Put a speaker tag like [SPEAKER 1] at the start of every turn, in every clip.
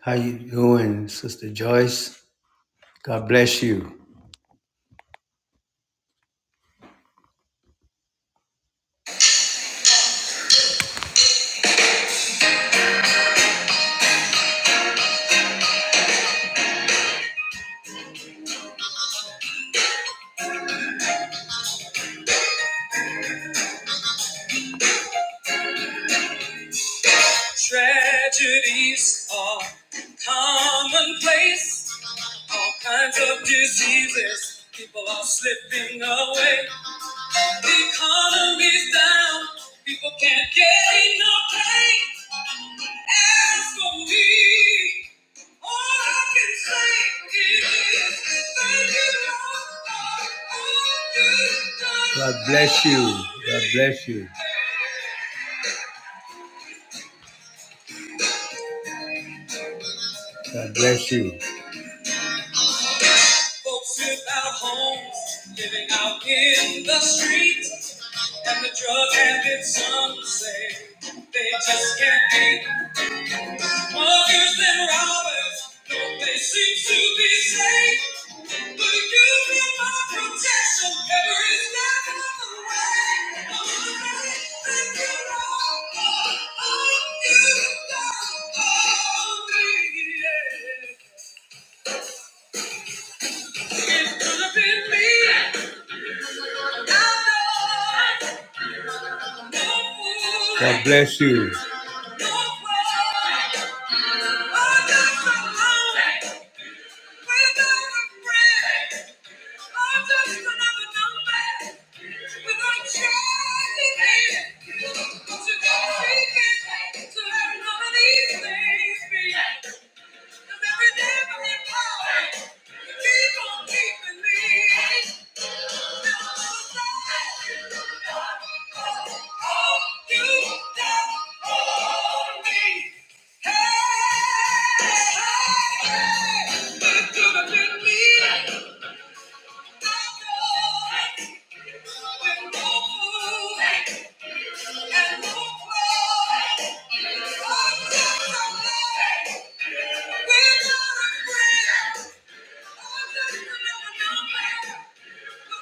[SPEAKER 1] How you doing, Sister Joyce? God bless you. Tragedies are commonplace. All kinds of diseases. People are slipping away. The economy's down. People can't get enough pay. As for me, all I can say is thank you, Lord, for all you've done. God bless you. God bless you. God bless you. Folks without homes, living out in the streets, and the drug habits some say they just can't hang. Muggers and robbers, no place seems to be safe. But you've been my protection every step of the way. I'm grateful Thank you, Lord, for all you've done for me. Yeah. It could have been me. God bless you. Hey! Thank you.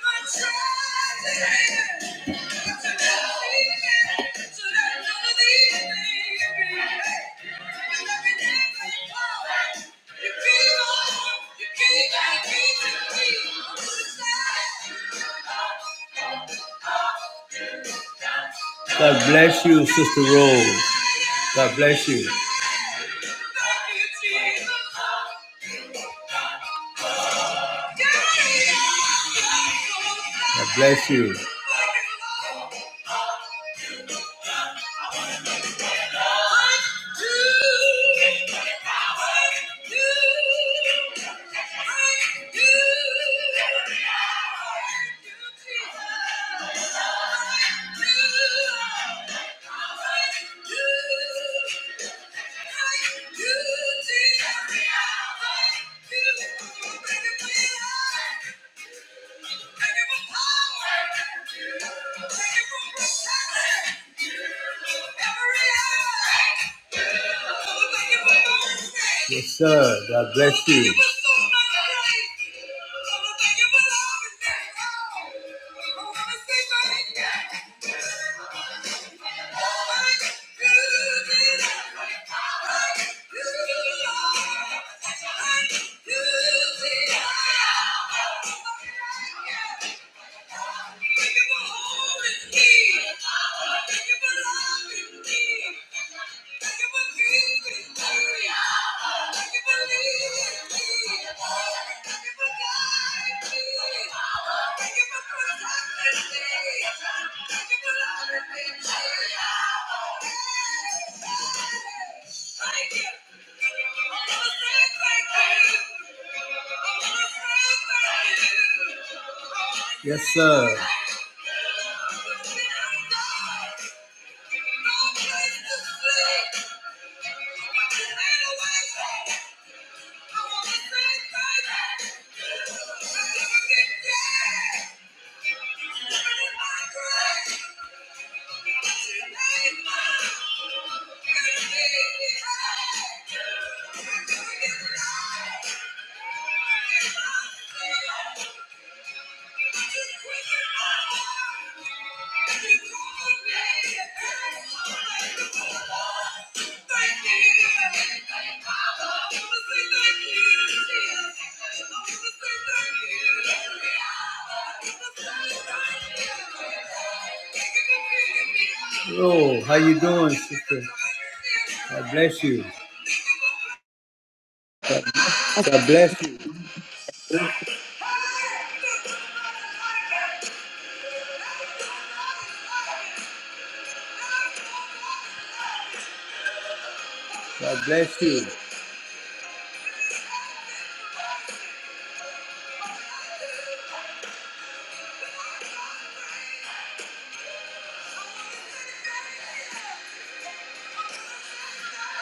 [SPEAKER 1] God bless you, Sister Rose. God bless you. God bless you. Yeah. Yes, sir. God bless you. Thank you. for for for me. me. me. Thank Thank you you loving Yes, sir. Thank you. Oh, how you doing, sister? God bless you.
[SPEAKER 2] That's
[SPEAKER 1] God bless you.
[SPEAKER 2] good.
[SPEAKER 1] God bless you.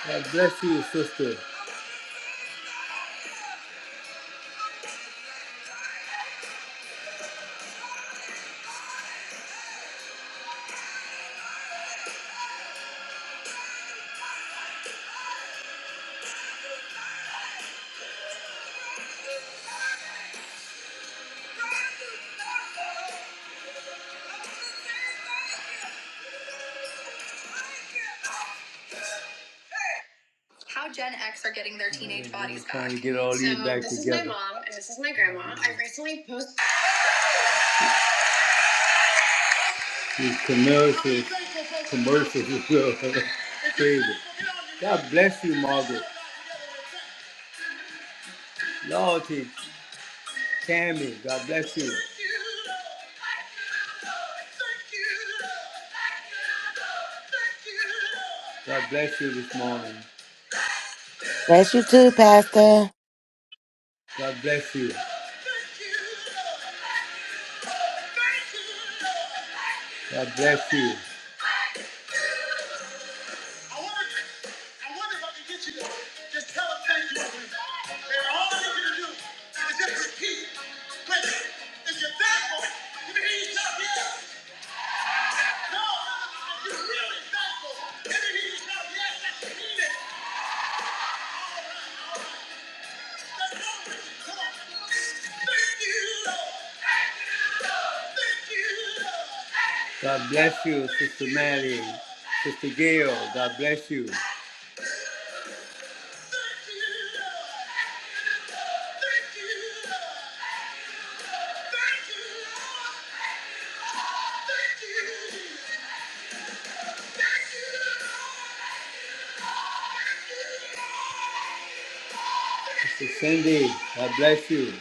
[SPEAKER 1] God bless you, sister. How Gen X are getting their teenage Yeah, bodies trying back. to get all these So, these back this together. This is my mom and this is my grandma. I recently posted these commercials, commercials as well. Crazy. God bless you, Margaret. Loyalty, Tammy. God bless you. God bless you this morning.
[SPEAKER 2] Bless you too, Pastor.
[SPEAKER 1] God bless you. God bless you. I wonder, I wonder if I can get you to just tell them thank you. And all I need you to do is just repeat. But if you're thankful, let me hear you shout yes. No, if you're really thankful, let me hear you shout yes. That's mean it. God bless you, Sister Mary, Sister Gail. God bless you. Sister Cindy, God bless you.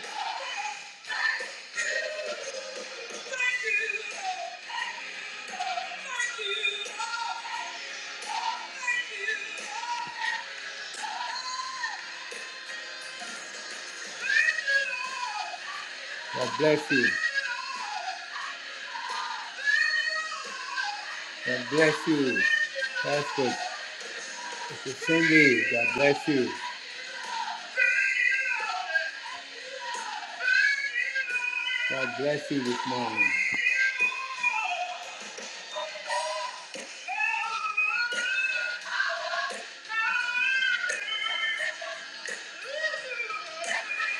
[SPEAKER 1] God bless you. God bless you. Perfect. It's a Cindy. God bless you. God bless you this morning.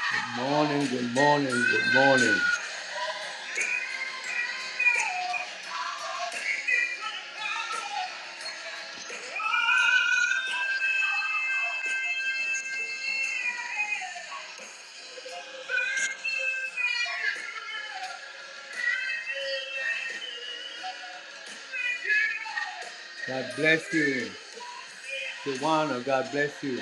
[SPEAKER 1] Good morning, good morning, good morning. God bless you. Tawana, God bless you.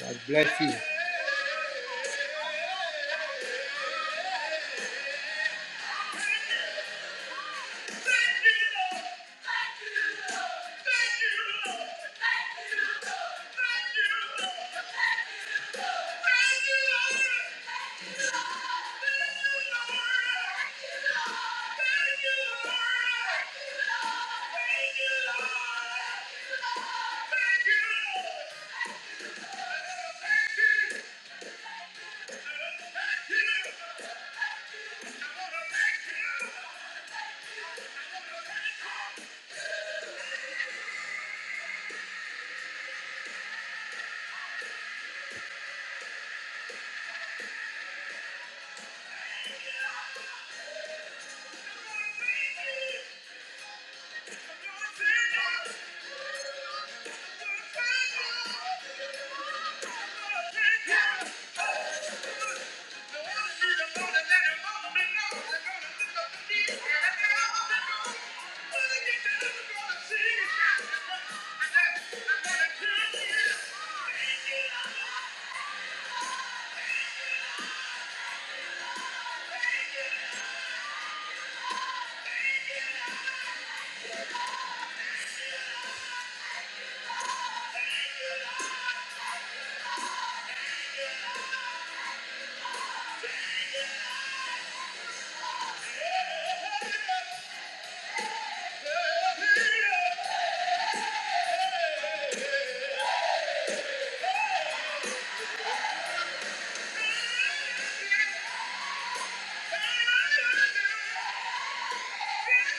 [SPEAKER 1] God bless you. Thank you. Yeah. Thank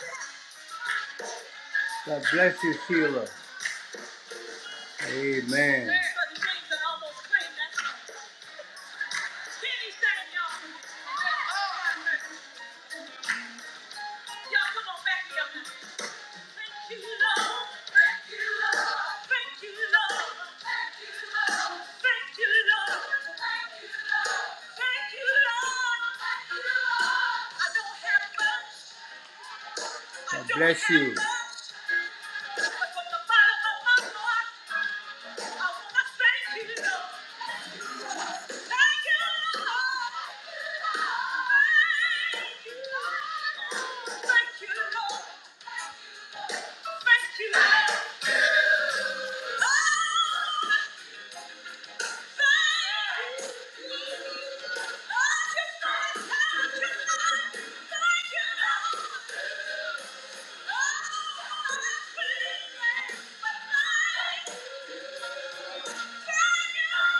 [SPEAKER 1] you. God bless you, Sheila. Amen. Thank you, Lord. I don't have much. God bless you. Thank you, Lord.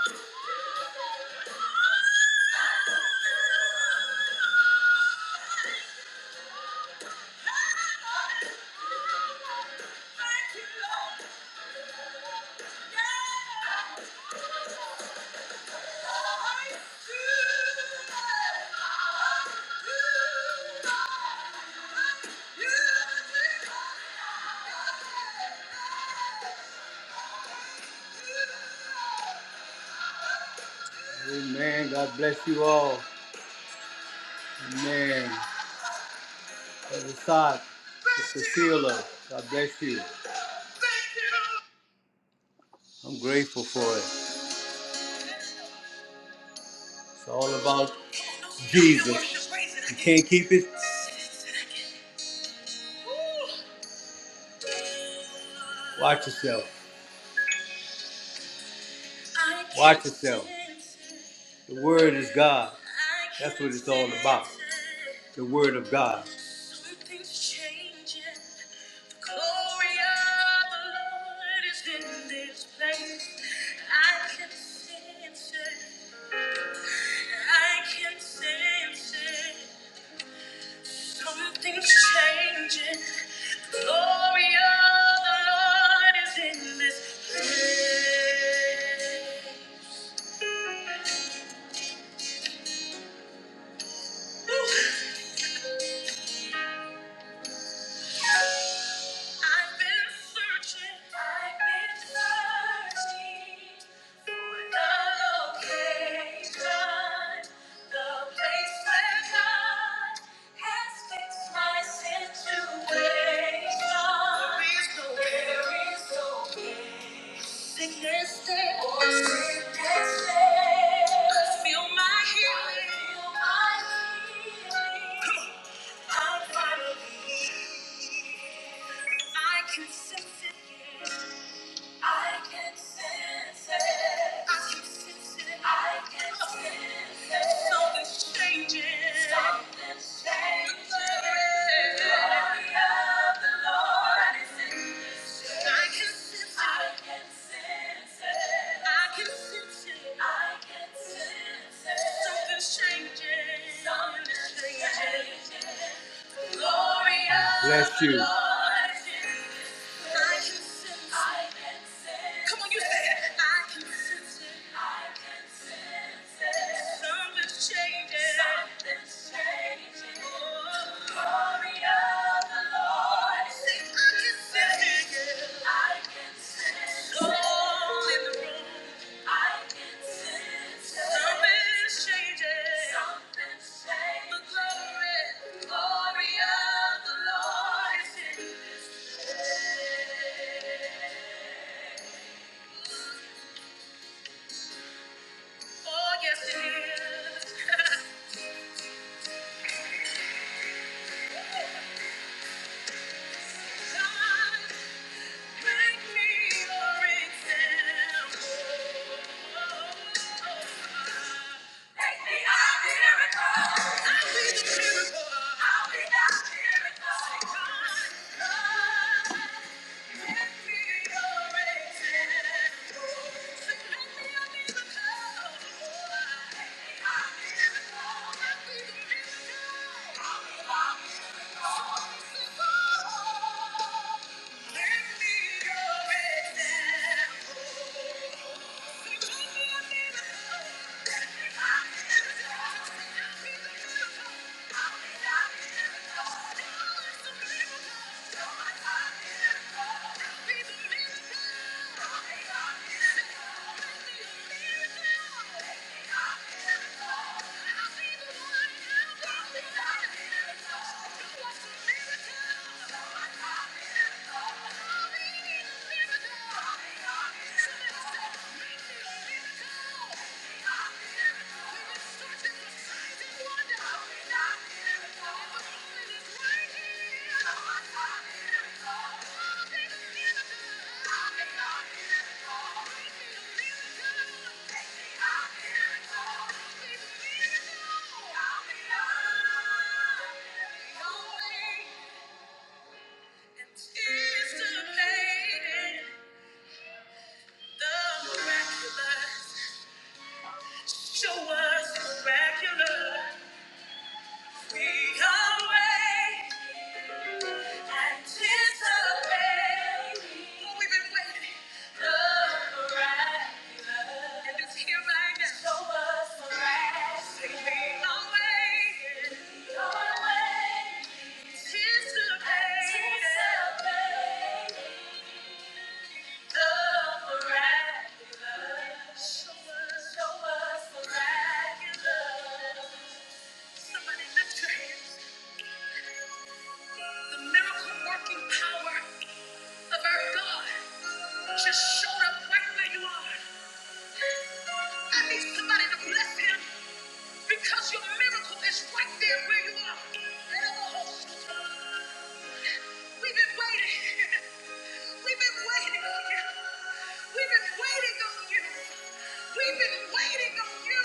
[SPEAKER 1] Thank you. Amen. God bless you all. Amen. Brother Sot, Sister Sheila, God bless you. I'm grateful for it. It's all about Jesus. You can't keep it. Watch yourself. Watch yourself. The Word is God. That's what it's all about. The Word of God. Something's changing. The glory of the Lord is in this place. Ooh. I've been searching, I've been searching for the location, the place where God has fixed my situation. There is no, there is no Sickness stay. Sickness stay. I Feel my healing. I Feel my healing. Come on. I finally, I can sense it. I can sense it. I can sense it. I can sense it. Something's changing. Something's changing. The glory of the Lord is in this place. I can sense it. I can sense it. I can sense it. I can sense it. Something's changing. Something's changing. Bless you. Come on, you say it. I can sense it. I can sense it. Something's changing. Something's changing. Oh. Glory of the Lord. Say, I can sense it. I can sense it. Soul in the room. Something's changing. Something's changing. The glory, glory of the Lord is in this place. Oh, yes, it is. I'll be Thank miracle. Let Thank you. Thank you. Is the pain the miraculous? Show us miraculous. We come away and tis the way. Oh, we've been waiting. The miraculous. And it's here right now. Show us miraculous. Say we come away. We come away. Tis the way. Tis the way. The miraculous. Show us. Show us miraculous. Somebody lift your hands. The miracle working power of our God just showed up right where you are. I need somebody to bless him. Because your miracle is right there where you are. We've been waiting. We've been waiting on you. We've been waiting on you. We've been waiting on you.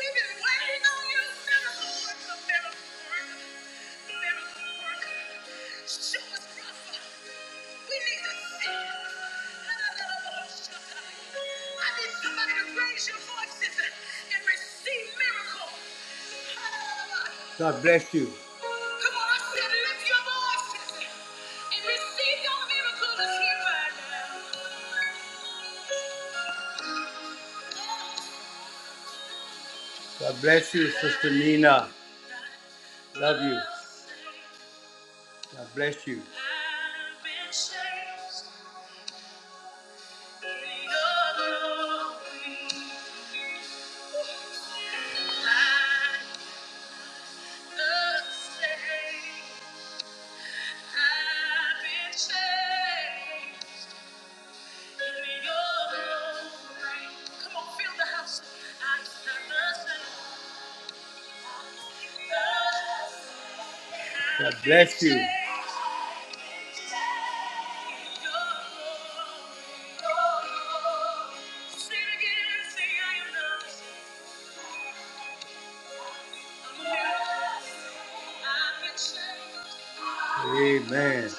[SPEAKER 1] We've been waiting on you. Miracle worker, miracle worker, miracle worker. Show us, Rafa. We need to see. it. I need somebody to raise your voices and receive miracle. God bless you. Come on, I said lift your voices and receive your miracle here right now. God bless you, Sister Nina. Love you. God bless you. God bless you. Amen.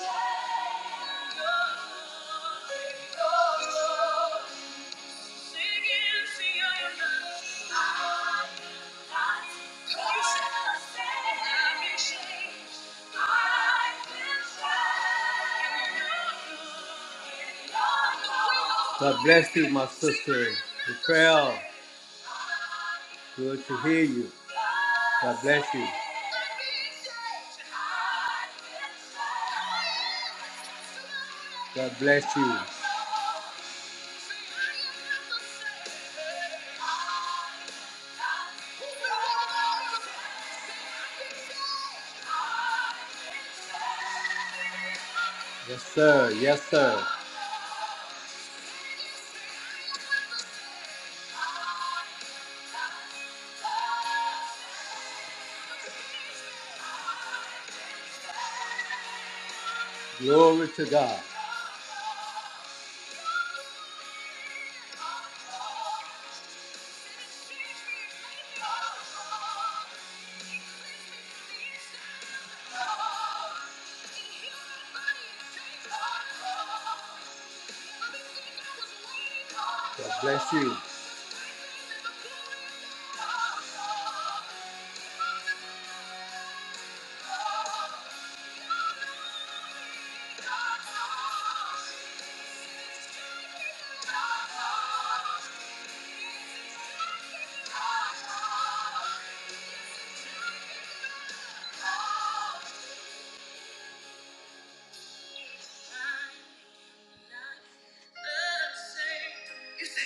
[SPEAKER 1] God bless you, my sister. Raquel. Good to hear you. God bless you. God bless you. Yes, sir. Yes, sir. Glory to God. God bless you.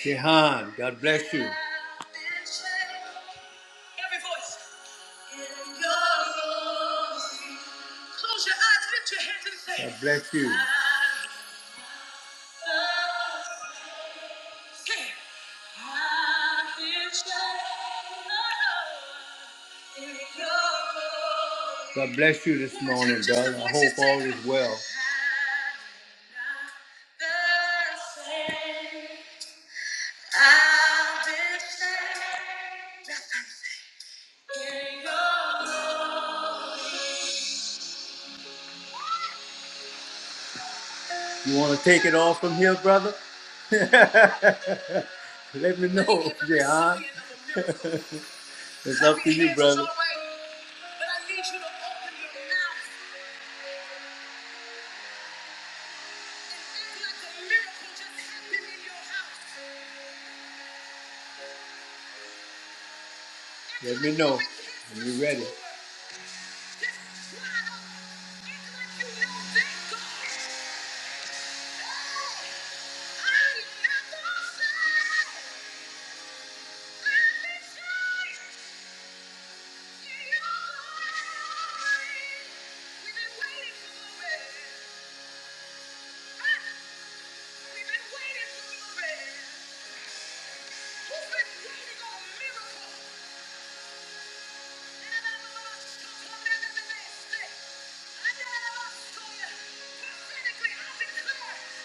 [SPEAKER 1] Jehan, God bless you. Every voice. Close your eyes, lift your hands and say. God bless you. Say, "I've been changed." God bless you this morning, brother. I hope all is well. You want to take it all from here, brother? Let me know, Jehan. It's up to you, brother. Let me know when you're ready. Who's been waiting on a miracle?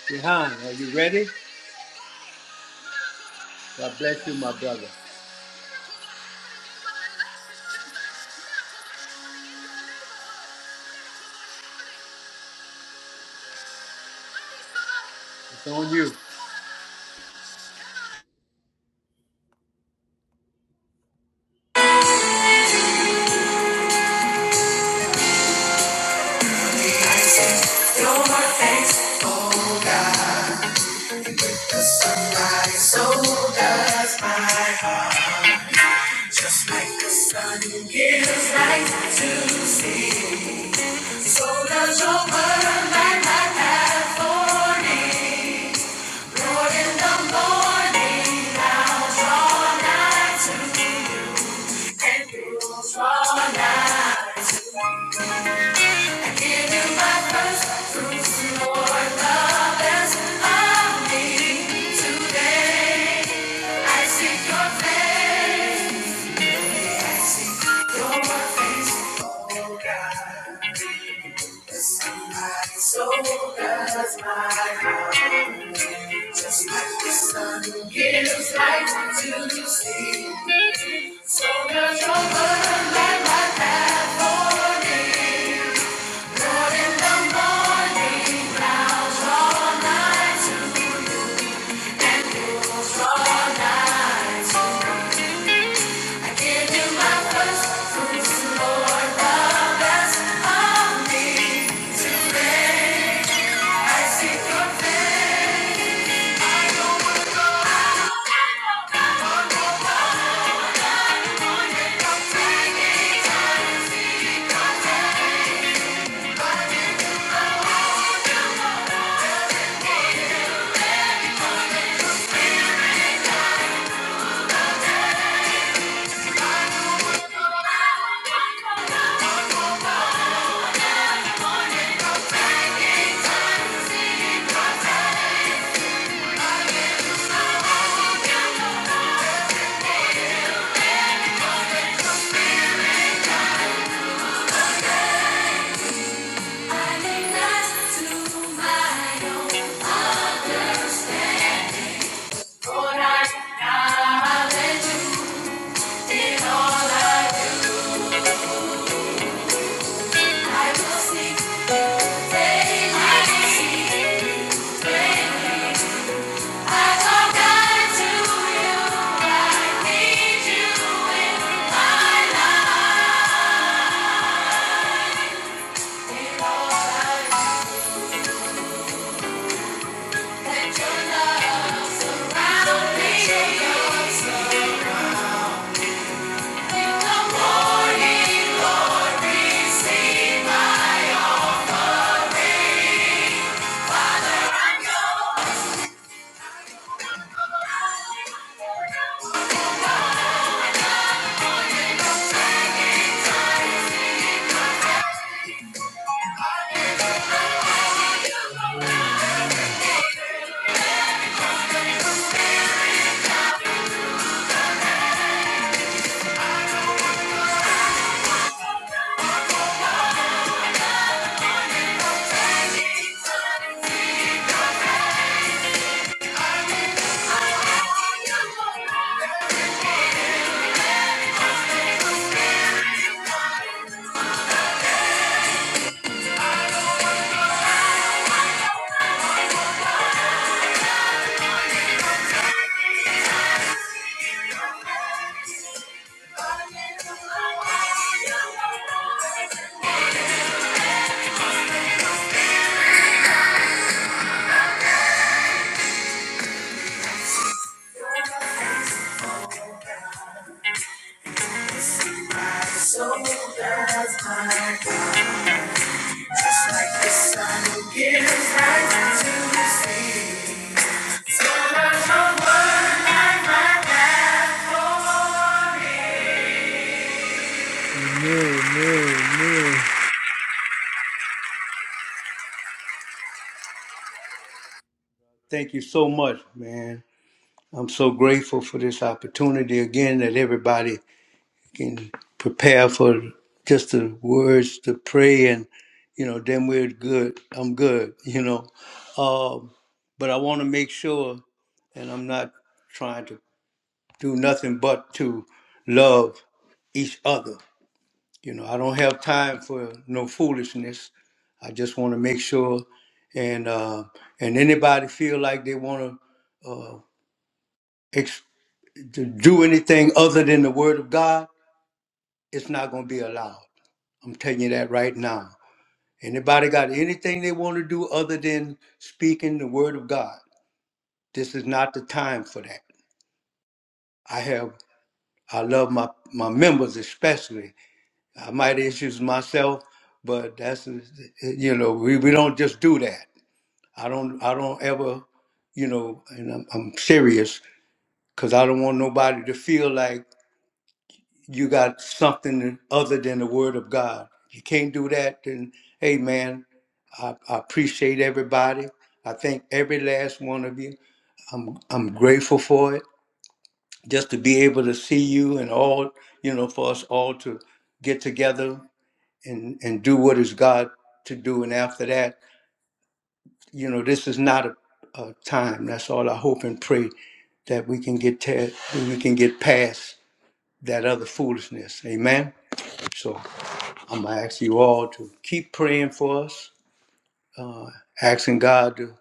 [SPEAKER 1] Jehan, are you ready? God bless you, my brother. It's on you.
[SPEAKER 3] Your face, oh my soul does mine. Like the sun gives light to see, so does your word light my path for me. Lord, in the morning I'll draw nigh to you, and you will draw nigh. I see your face, I see your face, oh God. This ain't My soul does my mind. Just like the sun gives light to the sea, so does your word light my path for me. Lord, in the morning, rouse all night to you, and yours all night to me. I give you my first fruits, Lord, the best of me. Today I seek your face. Lord, I acknowledge you in all I do. I will seek daily. I will seek you daily. Thank you.
[SPEAKER 1] Thank you so much, man. I'm so grateful for this opportunity again that everybody can prepare for just the words to pray and you know then we're good i'm good you know um, but i want to make sure and i'm not trying to do nothing but to love each other you know i don't have time for no foolishness i just want to make sure and uh, and anybody feel like they want to uh, ex- to do anything other than the word of god it's not going to be allowed I'm telling you that right now. Anybody got anything they want to do other than speaking the word of God? This is not the time for that. I have I love my my members especially. I might issues myself, but that's you know we, we don't just do that. I don't I don't ever you know and I'm, I'm serious because I don't want nobody to feel like you got something other than the word of God. You can't do that, then hey man, I, I appreciate everybody. I thank every last one of you. I'm I'm grateful for it. Just to be able to see you and all, you know, for us all to get together and and do what is God to do. And after that, you know, this is not a, a time. That's all I hope and pray that we can get te- we can get past that other foolishness. Amen. So I'm gonna ask you all to keep praying for us, asking God to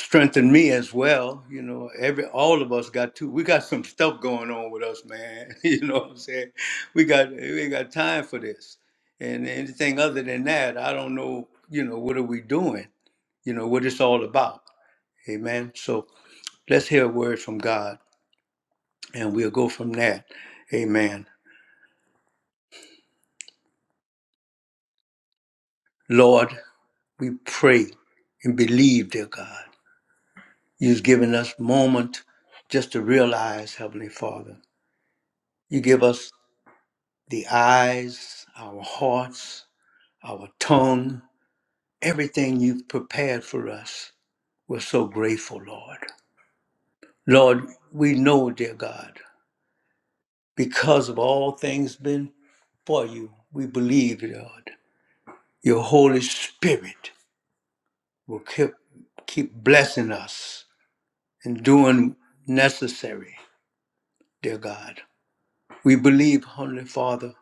[SPEAKER 1] strengthened me as well. You know, every all of us got two. We got some stuff going on with us, man. you know what I'm saying? We got we ain't got time for this. And anything other than that, I don't know. You know, what are we doing? You know, what it's all about. Amen. So let's hear a word from God, and we'll go from that. Amen. Lord, we pray and believe, dear God. You've given us moment just to realize, Heavenly Father. You give us the eyes, our hearts, our tongue, everything you've prepared for us. We're so grateful, Lord. Lord, we know, dear God, because of all things been for you, we believe, Lord, your Holy Spirit will keep, keep blessing us and doing necessary, dear God. We believe, Holy Father,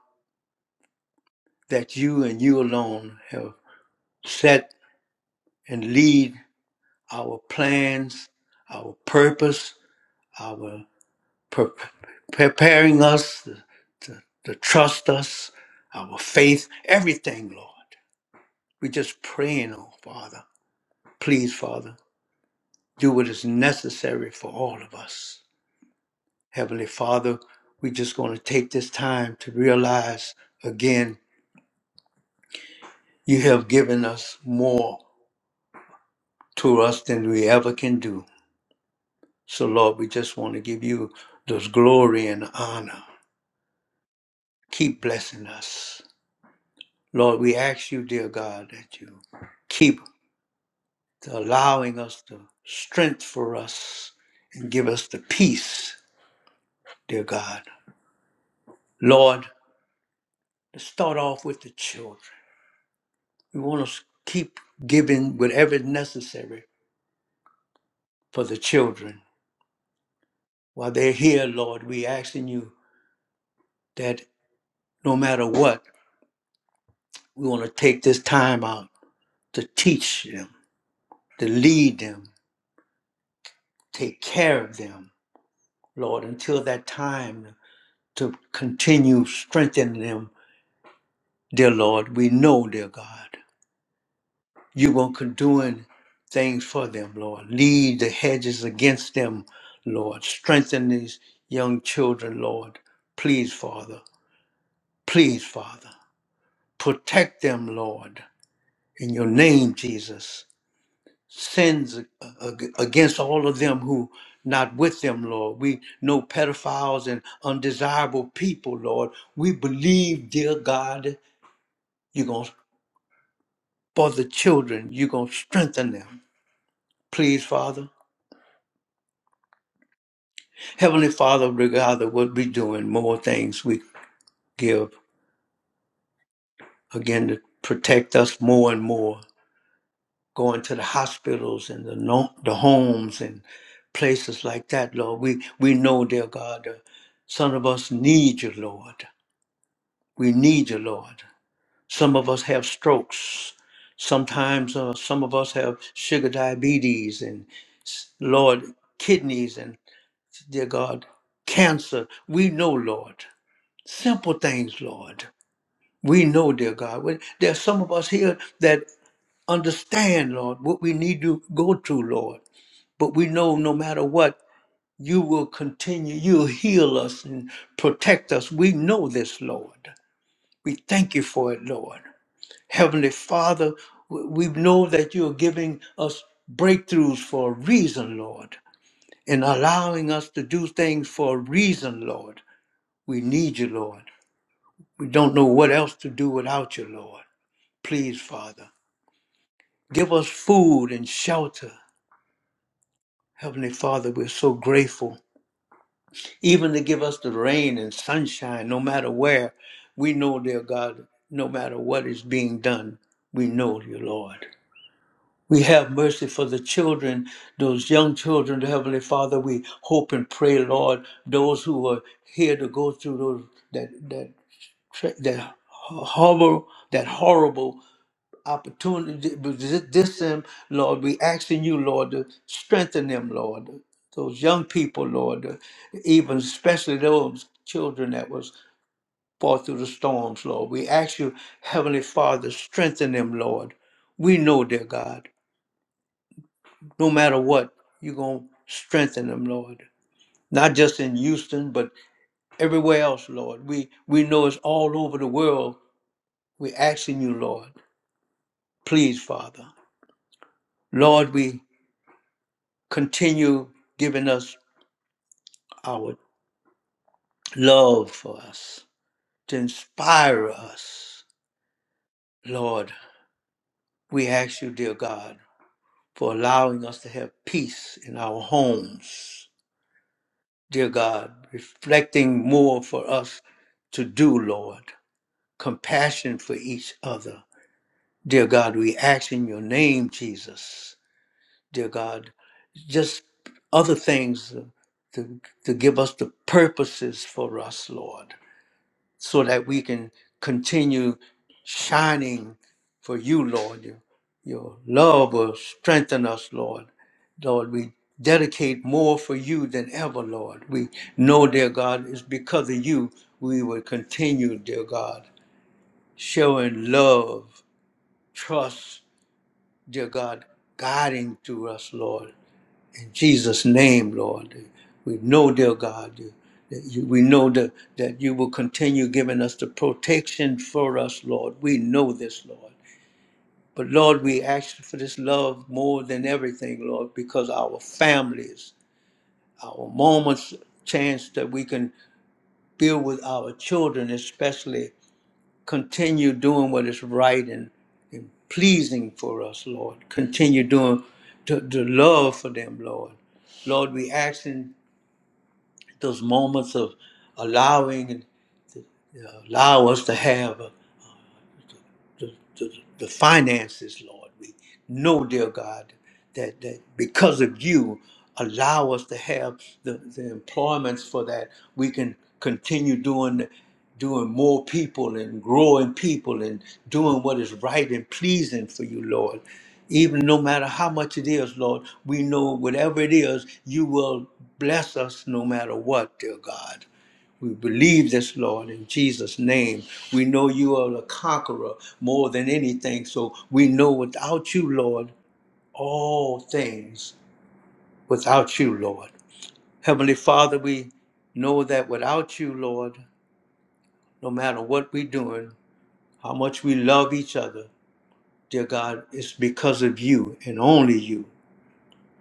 [SPEAKER 1] that you and you alone have set and lead our plans, our purpose, our pre- preparing us to, to, to trust us, our faith, everything, Lord. We just praying, oh Father. Please, Father, do what is necessary for all of us. Heavenly Father, we just going to take this time to realize again, you have given us more to us than we ever can do. So, Lord, we just want to give you those glory and honor. Keep blessing us. Lord, we ask you, dear God, that you keep allowing us the strength for us and give us the peace, dear God. Lord, let's start off with the children. We want to keep giving whatever is necessary for the children. While they're here, Lord, we asking you that no matter what, we want to take this time out to teach them, to lead them, take care of them, Lord, until that time to continue strengthening them, dear Lord. We know, dear God, you will continue doing things for them, Lord. Lead the hedges against them, Lord. Strengthen these young children, Lord. Please, Father. Please, Father. Protect them, Lord. In your name, Jesus. Sins a- a- against all of them who not with them, Lord. We know pedophiles and undesirable people, Lord. We believe, dear God, you're going to for the children. You're going to strengthen them. Please, Father. Heavenly Father, Regardless, of what we're doing, more things we give, again, to protect us more and more. Going to the hospitals and the, no- the homes and places like that, Lord. We, we know, dear God, the some of us need you, Lord. We need you, Lord. Some of us have strokes. Sometimes uh, some of us have sugar diabetes and, Lord, kidneys and. dear God, cancer. We know, Lord, simple things, Lord. We know, dear God. We- There's some of us here that understand, Lord, what we need to go through, Lord. But we know no matter what, you will continue. You'll heal us and protect us. We know this, Lord. We thank you for it, Lord. Heavenly Father, we we know that you're giving us breakthroughs for a reason, Lord, and allowing us to do things for a reason, Lord. We need you, Lord. We don't know what else to do without you, Lord. Please, Father, give us food and shelter. Heavenly Father, we're so grateful. Even to give us the rain and sunshine, no matter where. We know, dear God, no matter what is being done, we know you, Lord. We have mercy for the children, those young children, Heavenly Father. We hope and pray, Lord, those who are here to go through those that that tra- that horrible that horrible opportunity. This them, Lord, we asking you, Lord, to strengthen them, Lord. Those young people, Lord, even especially those children that was fought through the storms, Lord. We ask you, Heavenly Father, strengthen them, Lord. We know, dear God, no matter what, you're gonna strengthen them, Lord. Not just in Houston, but everywhere else, Lord. We we know it's all over the world. We're asking you, Lord, please, Father. Lord, we continue giving us our love for us, to inspire us. Lord, we ask you, dear God, for allowing us to have peace in our homes. Dear God, reflecting more for us to do, Lord, compassion for each other. Dear God, we ask in your name, Jesus. Dear God, just other things to, to give us the purposes for us, Lord. so that we can continue shining for you, Lord. Your, your love will strengthen us, Lord. Lord, we dedicate more for you than ever, Lord. We know, dear God, it's because of you we will continue, dear God, showing love, trust, dear God, guiding through us, Lord. In Jesus' name, Lord, we know, dear God, that you, we know that, that you will continue giving us the protection for us, Lord. We know this, Lord. But Lord, we ask for this love more than everything, Lord, because our families, our moments, chance that we can build with our children, especially, continue doing what is right and, and pleasing for us, Lord. Continue doing the, the love for them, Lord. Lord, we ask those moments of allowing and you know, allow us to have uh, the, the, the finances, Lord. We know, dear God, that, that because of you, allow us to have the, the employments for that. We can continue doing doing more people and growing people and doing what is right and pleasing for you, Lord. Even no matter how much it is, Lord, we know whatever it is, you will bless us no matter what, dear God. We believe this, Lord, in Jesus' name. We know you are the conqueror more than anything. So we know without you, Lord, all things without you, Lord. Heavenly Father, we know that without you, Lord, no matter what we're doing, how much we love each other, dear God, it's because of you and only you.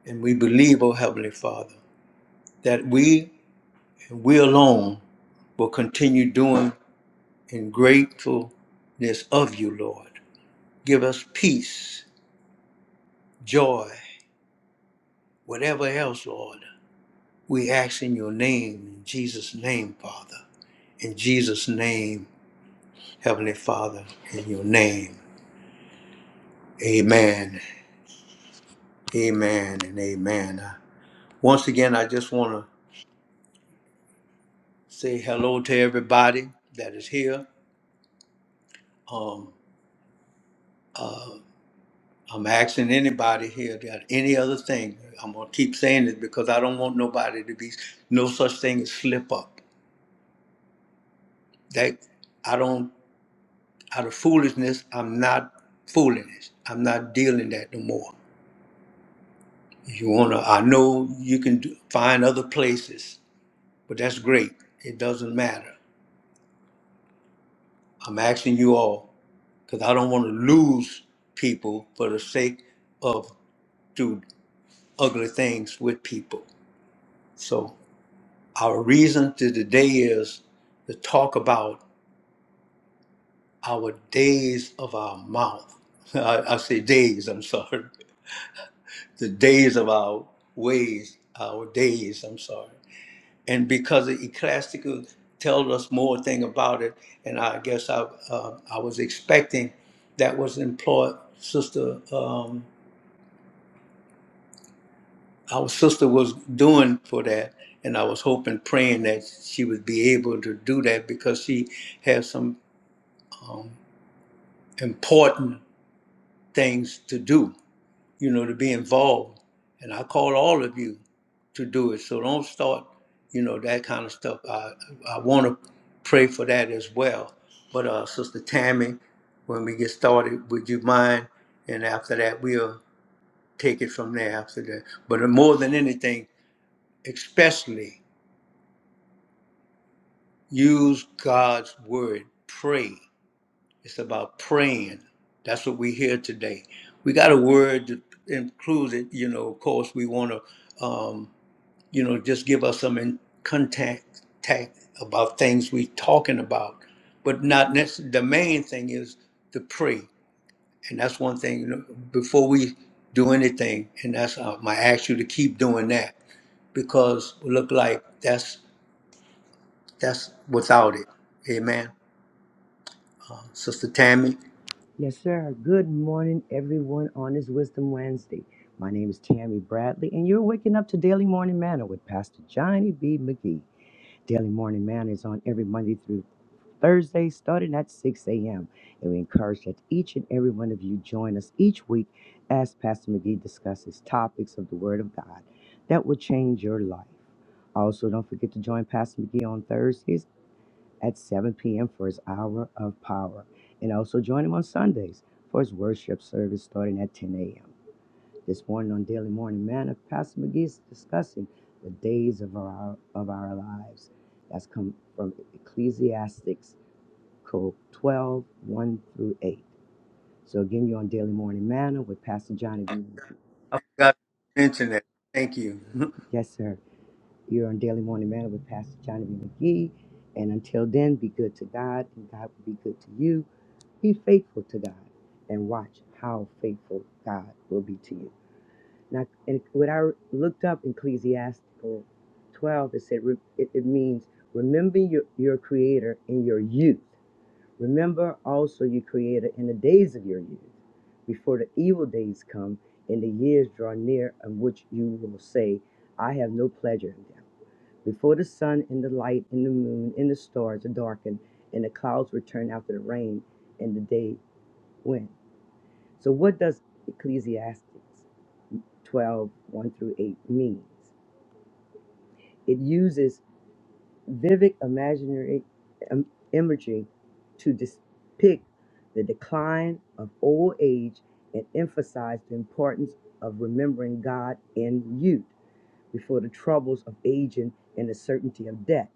[SPEAKER 1] And we believe, oh Heavenly Father, that we and we alone will continue doing in gratefulness of you, Lord. Give us peace, joy, whatever else, Lord. We ask in your name, in Jesus' name, Father. In Jesus' name, Heavenly Father, in your name. Amen, amen, and amen. Uh, Once again, I just want to say hello to everybody that is here. Um, uh, I'm asking anybody here that any other thing, I'm going to keep saying it because I don't want nobody to be, no such thing as slip up. That I don't Out of foolishness, I'm not foolishness. I'm not dealing that no more. If you wanna, I know you can do, find other places, but that's great. It doesn't matter. I'm asking you all because I don't want to lose people for the sake of do ugly things with people. So our reason to today is to talk about our days of our mouth. I, I say days. I'm sorry. the days of our ways, our days, I'm sorry. And because the Ecclesiastical tells us more thing about it, and I guess I, uh, I was expecting that was employed, sister, um, our sister was doing for that. And I was hoping, praying that she would be able to do that because she has some um, important things to do, you know, to be involved. And I call all of you. to do it. So don't start, you know, that kind of stuff. I, I want to pray for that as well. But uh, Sister Tammy, when we get started, would you mind? And after that, we'll take it from there after that. But more than anything, especially use God's word. Pray. It's about praying. That's what we hear today. We got a word that includes it. You know, of course, we want to. you know, just give us some in contact tact about things we talking about, but not necessarily. The main thing is to pray, and that's one thing. You know, before we do anything, and that's uh, my ask you to keep doing that because it look like that's that's without it. Amen, Sister Tammy.
[SPEAKER 4] Yes, sir. Good morning, everyone, on this Wisdom Wednesday. My name is Tammy Bradley, and you're waking up to Daily Morning Manna with Pastor Johnny B. McGee. Daily Morning Manna is on every Monday through Thursday, starting at 6 a.m. And we encourage that each and every one of you join us each week as Pastor McGee discusses topics of the Word of God that will change your life. Also, don't forget to join Pastor McGee on Thursdays at 7 p.m. for his hour of power. And also join him on Sundays for his worship service starting at 10 a.m. This morning on Daily Morning Manna, Pastor McGee is discussing the days of our, of our lives. That's come from Ecclesiastics Code 12, one through 8. So again, you're on Daily Morning Manna with Pastor Johnny.
[SPEAKER 1] I forgot to mention that. Thank you.
[SPEAKER 4] Yes, sir. You're on Daily Morning Manna with Pastor Johnny B. McGee. And until then, be good to God, and God will be good to you. Be faithful to God, and watch how faithful God will be to you. Now, and when I looked up Ecclesiastical 12, it said re- it, it means remember your, your Creator in your youth. Remember also your Creator in the days of your youth, before the evil days come and the years draw near, in which you will say, I have no pleasure in them. Before the sun and the light and the moon and the stars are darkened, and the clouds return after the rain, and the day when. So, what does Ecclesiastes 12 one through 8 means? It uses vivid imaginary im- imagery to depict the decline of old age and emphasize the importance of remembering God in youth. before the troubles of aging and the certainty of death.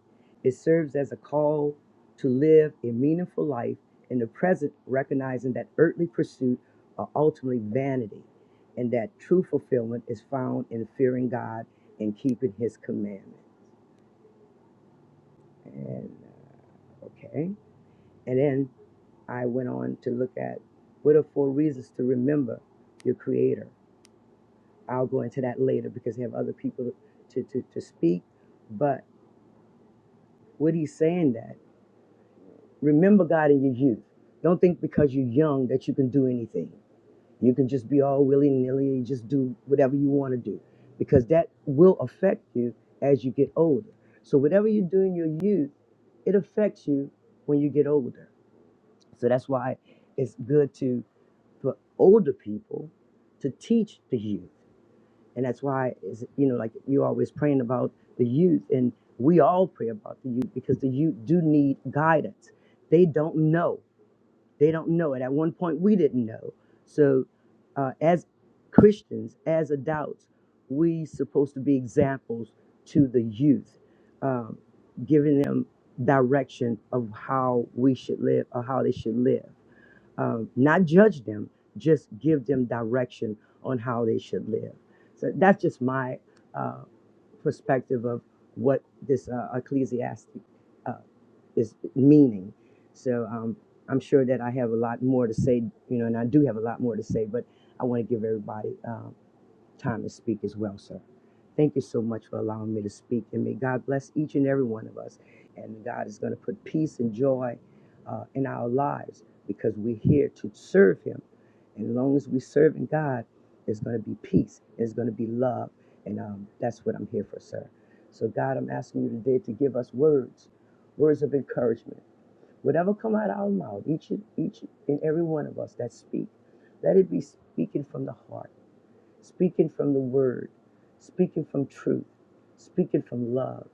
[SPEAKER 4] It serves as a call to live a meaningful life in the present, recognizing that earthly pursuits are ultimately vanity and that true fulfillment is found in fearing God and keeping his commandment. And uh, okay. And then I went on to look at what are four reasons to remember your creator. I'll go into that later because I have other people to, to, to speak. But what he's saying that Remember God in your youth. Don't think because you're young that you can do anything. You can just be all willy nilly and just do whatever you want to do because that will affect you as you get older. So, whatever you do in your youth, it affects you when you get older. So, that's why it's good to, for older people, to teach the youth. And that's why, is you know, like you always praying about the youth, and we all pray about the youth because the youth do need guidance. They don't know. They don't know it. At one point, we didn't know. So, uh, as Christians, as adults, we supposed to be examples to the youth, um, giving them direction of how we should live or how they should live. Um, not judge them, just give them direction on how they should live. So that's just my uh, perspective of what this uh, ecclesiastic is meaning. So um, I'm sure that I have a lot more to say, you know, and I do have a lot more to say, but I want to give everybody. um, time to speak as well, sir. Thank you so much for allowing me to speak, and may God bless each and every one of us. And God is going to put peace and joy uh, in our lives because we're here to serve Him. And as long as we serve in God, there's going to be peace, there's going to be love, and um, that's what I'm here for, sir. So, God, I'm asking you today to give us words, words of encouragement. Whatever come out of our mouth, each and, each and every one of us that speak, let it be speaking from the heart speaking from the word, speaking from truth, speaking from love.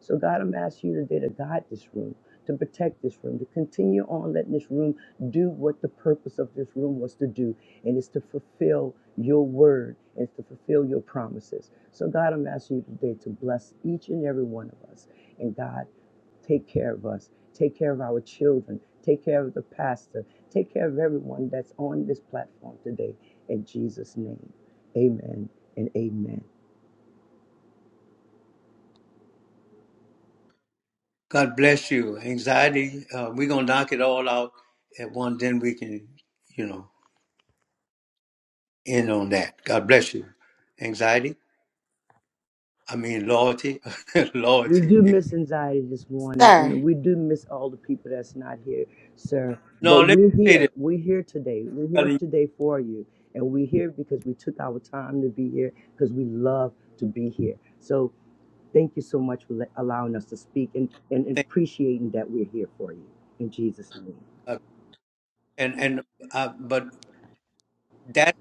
[SPEAKER 4] So, God, I'm asking you today to guide this room, to protect this room, to continue on letting this room do what the purpose of this room was to do, and it's to fulfill your word and it's to fulfill your promises. So, God, I'm asking you today to bless each and every one of us. And, God, take care of us, take care of our children, take care of the pastor, take care of everyone that's on this platform today in Jesus' name. Amen and amen.
[SPEAKER 1] God bless you. Anxiety. Uh, we're gonna knock it all out at one. Then we can, you know. in on that. God bless you. Anxiety? I mean loyalty.
[SPEAKER 4] We
[SPEAKER 1] loyalty.
[SPEAKER 4] do miss anxiety this morning,
[SPEAKER 2] Sir.
[SPEAKER 4] and we do miss all the people that's not here, sir.
[SPEAKER 1] no,
[SPEAKER 4] But
[SPEAKER 1] let me
[SPEAKER 4] we're
[SPEAKER 1] say this.
[SPEAKER 4] here. We're here today. We're
[SPEAKER 1] I'm telling
[SPEAKER 4] here
[SPEAKER 1] you,
[SPEAKER 4] today for you. And we're here because we took our time to be here because we love to be here. So thank you so much for le- allowing us to speak and, and
[SPEAKER 1] thank
[SPEAKER 4] appreciating that we're here for you. In Jesus' name.
[SPEAKER 1] God. And and uh, but that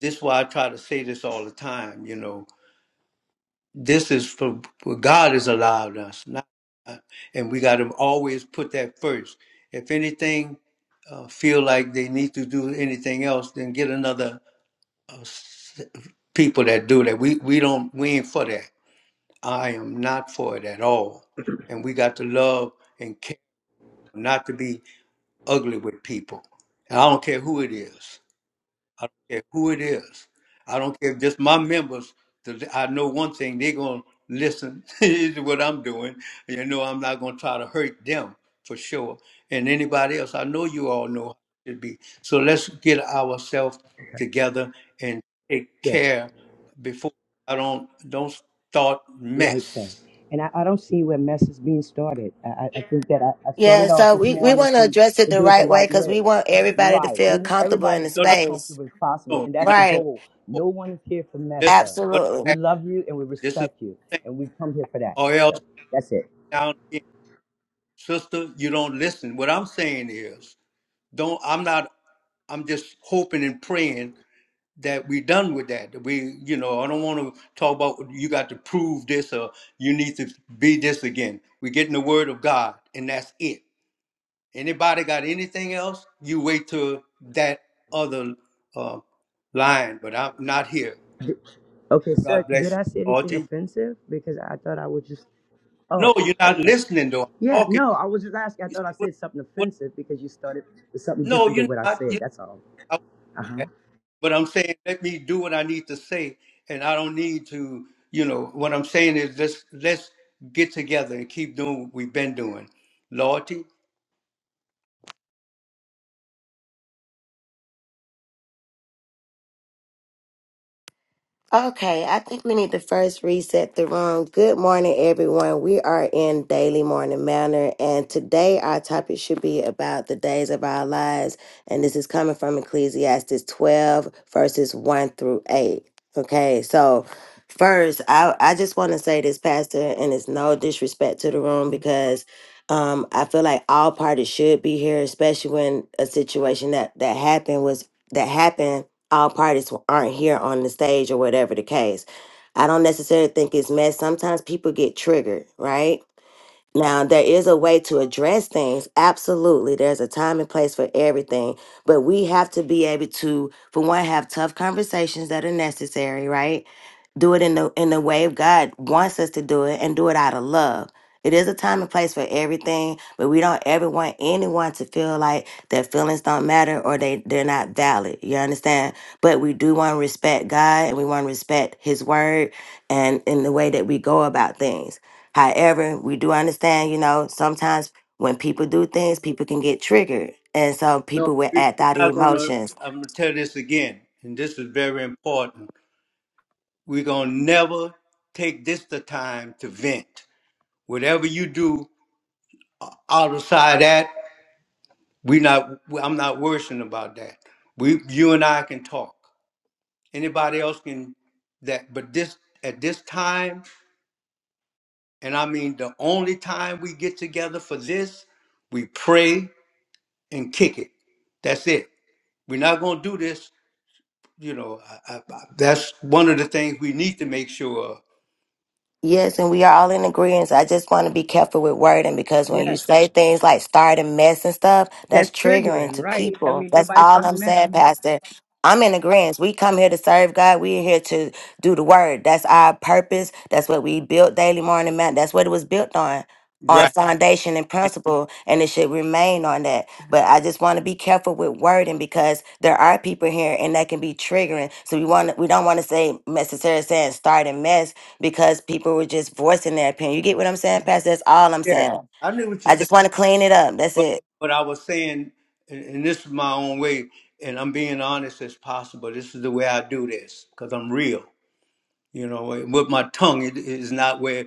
[SPEAKER 1] this is why I try to say this all the time. You know, this is for, for God has allowed us, not, uh, and we got to always put that first. If anything, uh, feel like they need to do anything else, then get another uh, s- people that do that. We we don't we ain't for that. I am not for it at all. And we got to love and care not to be ugly with people. And I don't care who it is. I don't care who it is. I don't care if just my members, 'cause I know one thing, they're going to listen to what I'm doing. You know, I'm not going to try to hurt them for sure. And anybody else, I know you all know how it should be. So let's get ourselves together and take
[SPEAKER 4] Yes.
[SPEAKER 1] care before I don't don't start
[SPEAKER 4] Right, sir.
[SPEAKER 1] mess.
[SPEAKER 4] And I, I don't see where mess is being started. I, I I think that I, I
[SPEAKER 2] Yeah,
[SPEAKER 4] started off
[SPEAKER 2] so
[SPEAKER 4] this
[SPEAKER 2] we, we
[SPEAKER 4] morning
[SPEAKER 2] want to
[SPEAKER 4] to,
[SPEAKER 2] address it
[SPEAKER 4] to
[SPEAKER 2] the
[SPEAKER 4] do it the
[SPEAKER 2] right way
[SPEAKER 4] right
[SPEAKER 2] because we
[SPEAKER 4] way.
[SPEAKER 2] want everybody to
[SPEAKER 4] Right.
[SPEAKER 2] feel
[SPEAKER 4] We want
[SPEAKER 2] comfortable in
[SPEAKER 4] everybody
[SPEAKER 2] the
[SPEAKER 4] to feel as
[SPEAKER 2] space.
[SPEAKER 4] comfortable as possible,
[SPEAKER 1] No,
[SPEAKER 4] and
[SPEAKER 1] you're
[SPEAKER 4] that's
[SPEAKER 1] not
[SPEAKER 4] the
[SPEAKER 2] Right.
[SPEAKER 4] goal.
[SPEAKER 1] going. to
[SPEAKER 4] No one is here for mess,
[SPEAKER 1] Listen,
[SPEAKER 4] sir.
[SPEAKER 1] what
[SPEAKER 2] Absolutely.
[SPEAKER 1] I'm
[SPEAKER 4] We
[SPEAKER 1] asking,
[SPEAKER 4] love you and we
[SPEAKER 1] this is what
[SPEAKER 4] respect you,
[SPEAKER 1] I'm saying,
[SPEAKER 4] and we come here for that,
[SPEAKER 1] or else
[SPEAKER 4] sir. That's it.
[SPEAKER 1] down again. Sister, you don't listen. What I'm saying is, don't, I'm not, I'm just hoping and praying that we're done with that. that we, you know, I don't want to talk about you got to prove this or you need to be this again. We're getting the word of God, and that's it. Anybody got anything else? You wait till that other uh, line, but I'm not here.
[SPEAKER 4] D- Okay,
[SPEAKER 1] So
[SPEAKER 4] sir,
[SPEAKER 1] God
[SPEAKER 4] did
[SPEAKER 1] bless you.
[SPEAKER 4] I say anything
[SPEAKER 1] Alton.
[SPEAKER 4] offensive? Because I thought I was just,
[SPEAKER 1] No,
[SPEAKER 4] oh,
[SPEAKER 1] you're not
[SPEAKER 4] okay.
[SPEAKER 1] listening though. I'm
[SPEAKER 4] Yeah,
[SPEAKER 1] talking.
[SPEAKER 4] no, I was just asking. I thought I
[SPEAKER 1] What,
[SPEAKER 4] said something
[SPEAKER 1] what,
[SPEAKER 4] offensive because you started with something
[SPEAKER 1] no,
[SPEAKER 4] different than
[SPEAKER 1] you're
[SPEAKER 4] what I
[SPEAKER 1] not.
[SPEAKER 4] said.
[SPEAKER 1] You're
[SPEAKER 4] That's all.
[SPEAKER 1] not.
[SPEAKER 4] Uh huh.
[SPEAKER 1] But I'm saying, let me do what I need to say, and I don't need to. You know, what I'm saying is let's let's get together and keep doing what we've been doing. Loyalty.
[SPEAKER 2] Okay, I think we need to first reset the room. Good morning, everyone. We are in Daily Morning Manor, and today our topic should be about the days of our lives. And this is coming from Ecclesiastes 12, verses 1 through 8. Okay, so first, I, I just want to say this, Pastor, and it's no disrespect to the room because um, I feel like all parties should be here, especially when a situation that, that happened was that happened all parties who aren't here on the stage or whatever the case. I don't necessarily think it's mess. Sometimes people get triggered, right? Now, there is a way to address things. Absolutely. There's a time and place for everything. But we have to be able to, for one, have tough conversations that are necessary, right? Do it in the in the way God wants us to do it and do it out of love. It is a time and place for everything, but we don't ever want anyone to feel like their feelings don't matter or they, they're not valid. You understand? But we do want to respect God and we want to respect his word and in the way that we go about things. However, we do understand, you know, sometimes when people do things, people can get triggered. And so
[SPEAKER 1] No,
[SPEAKER 2] people will
[SPEAKER 1] we-
[SPEAKER 2] act out
[SPEAKER 1] we're
[SPEAKER 2] of
[SPEAKER 1] not gonna.
[SPEAKER 2] emotions.
[SPEAKER 1] I'm gonna tell this again, and this is very important. We're gonna never take this the time to vent. Whatever you do outside that. We not. I'm not worrying about that. We, you and I can talk. Anybody else can that. But this at this time, and I mean the only time we get together for this, we pray and kick it. That's it. We're not gonna do this. You know, I, I, I, that's one of the things we need to make sure. of.
[SPEAKER 2] Yes, and we are all in agreement. I just want to be careful with wording because when you
[SPEAKER 4] Yeah.
[SPEAKER 2] say things like start a mess and stuff,
[SPEAKER 4] That's
[SPEAKER 2] that's triggering
[SPEAKER 4] triggering,
[SPEAKER 2] to
[SPEAKER 4] right? I
[SPEAKER 2] people.
[SPEAKER 4] mean,
[SPEAKER 2] That's
[SPEAKER 4] nobody's
[SPEAKER 2] all I'm
[SPEAKER 4] starting that.
[SPEAKER 2] saying, Pastor. I'm in agreement. We come here to serve God. We're here to do the word. That's our purpose. That's what we built daily morning man. That's what it was built on. On
[SPEAKER 1] Right.
[SPEAKER 2] foundation and
[SPEAKER 1] And
[SPEAKER 2] principle, and it should remain on that. But I just want to be careful with wording because there are people here, and that can be triggering. So we want, we don't want to say necessarily saying start a mess because people were just voicing their opinion. You get what I'm saying, Pastor? That's all I'm
[SPEAKER 1] yeah,
[SPEAKER 2] saying.
[SPEAKER 1] I knew what you
[SPEAKER 2] I
[SPEAKER 1] said,
[SPEAKER 2] just want to clean it up. That's
[SPEAKER 1] but
[SPEAKER 2] it.
[SPEAKER 1] but I was saying, and, and this is my own way, and I'm being honest as possible. This is the way I do this because I'm real. You know, eh, with my tongue, it is not where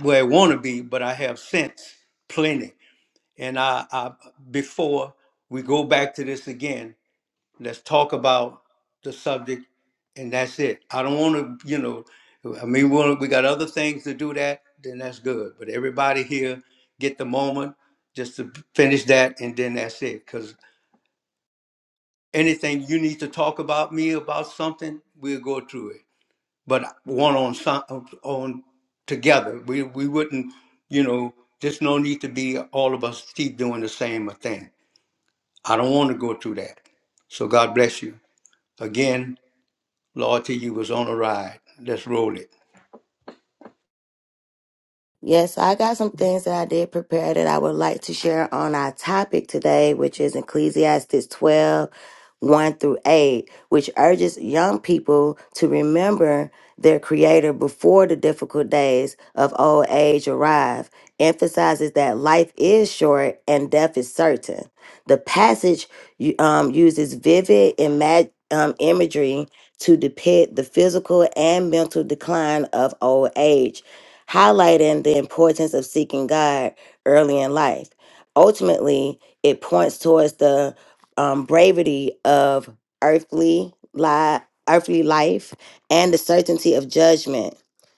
[SPEAKER 1] where I want to be, but I have sense plenty. And I, I, before we go back to this again, let's talk about the subject, and that's it. I don't want to, you know, I mean, we wanna- we got other things to do that, then that's good. But everybody here get the moment just to finish that, and then that's it. Because anything you need to talk about me about something, we'll go through it but one on some- on together. We we wouldn't, you know, there's no need to be all of us keep doing the same thing. I don't want to go through that. So God bless you. Again, Lord, to you was on a ride. Let's roll it.
[SPEAKER 2] Yes, I got some things that I did prepare that I would like to share on our topic today, which is Ecclesiastes twelve one through 8, which urges young people to remember their creator before the difficult days of old age arrive, emphasizes that life is short and death is certain. The passage u- um, uses vivid imag- um, imagery to depict the physical and mental decline of old age highlighting the importance of seeking God early in life. Ultimately, it points towards the um, bravery of earthly li- earthly life and the certainty of judgment,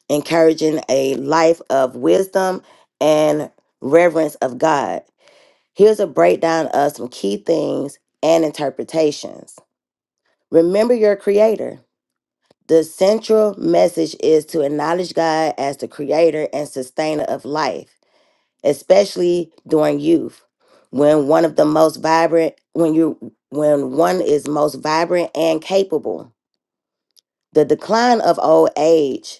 [SPEAKER 2] encouraging a life of wisdom and reverence of God. Here's a breakdown of some key things and interpretations. Remember your creator. The central message is to acknowledge God as the creator and sustainer of life, especially during youth, when one of the most vibrant when you when one is most vibrant and capable. The decline of old age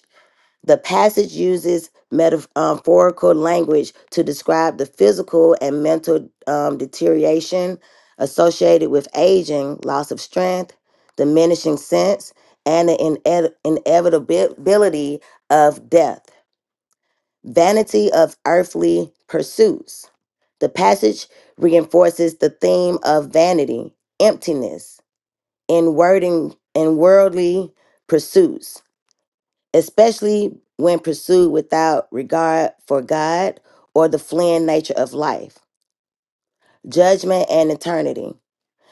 [SPEAKER 2] the passage uses metaphorical language to describe the physical and mental um, deterioration associated with aging, loss of strength, diminishing sense, and the ine- inevitability of death, vanity of earthly pursuits. The passage reinforces the theme of vanity, emptiness, in wording, in worldly pursuits especially when pursued without regard for God or the fleeing nature of life, judgment, and eternity.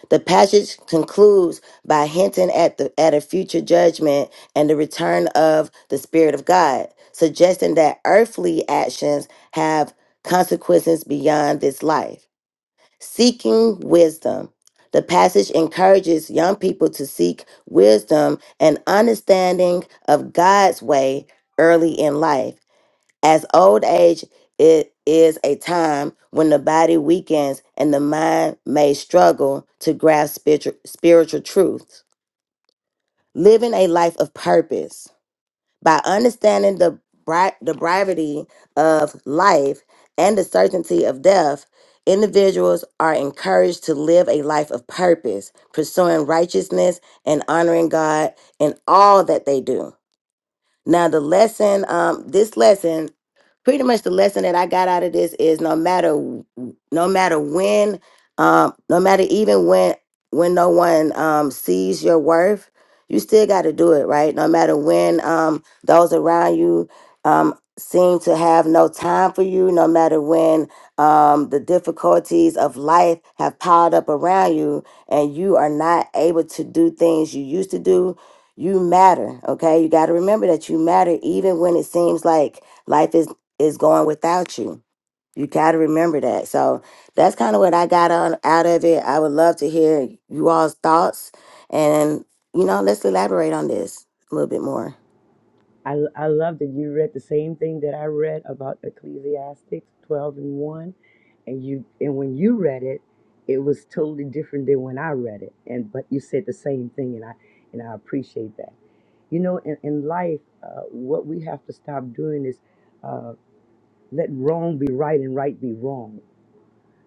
[SPEAKER 2] The passage concludes by hinting at, the, at a future judgment and the return of the Spirit of God, suggesting that earthly actions have consequences beyond this life. Seeking wisdom. The passage encourages young people to seek wisdom and understanding of God's way early in life. As old age, it is a time when the body weakens and the mind may struggle to grasp spiritu- spiritual truths. Living a life of purpose by understanding the bri- the brevity of life and the certainty of death individuals are encouraged to live a life of purpose pursuing righteousness and honoring god in all that they do now the lesson um, this lesson pretty much the lesson that I got out of this is no matter w- no matter when um no matter even when when no one um sees your worth, you still got to do it, right? No matter when um those around you um seem to have no time for you, no matter when um the difficulties of life have piled up around you and you are not able to do things you used to do, you matter, okay? You got to remember that you matter even when it seems like life is is going without you. You got to remember that. So that's kind of what I got on out of it. I would love to hear you all's thoughts, and you know, let's elaborate on this a little bit more.
[SPEAKER 4] I, I love that you read the same thing that I read about Ecclesiastics 12 and 1. And you and when you read it, it was totally different than when I read it. And but you said the same thing and I and I appreciate that. You know, in, in life, uh, what we have to stop doing is uh, let wrong be right and right be wrong.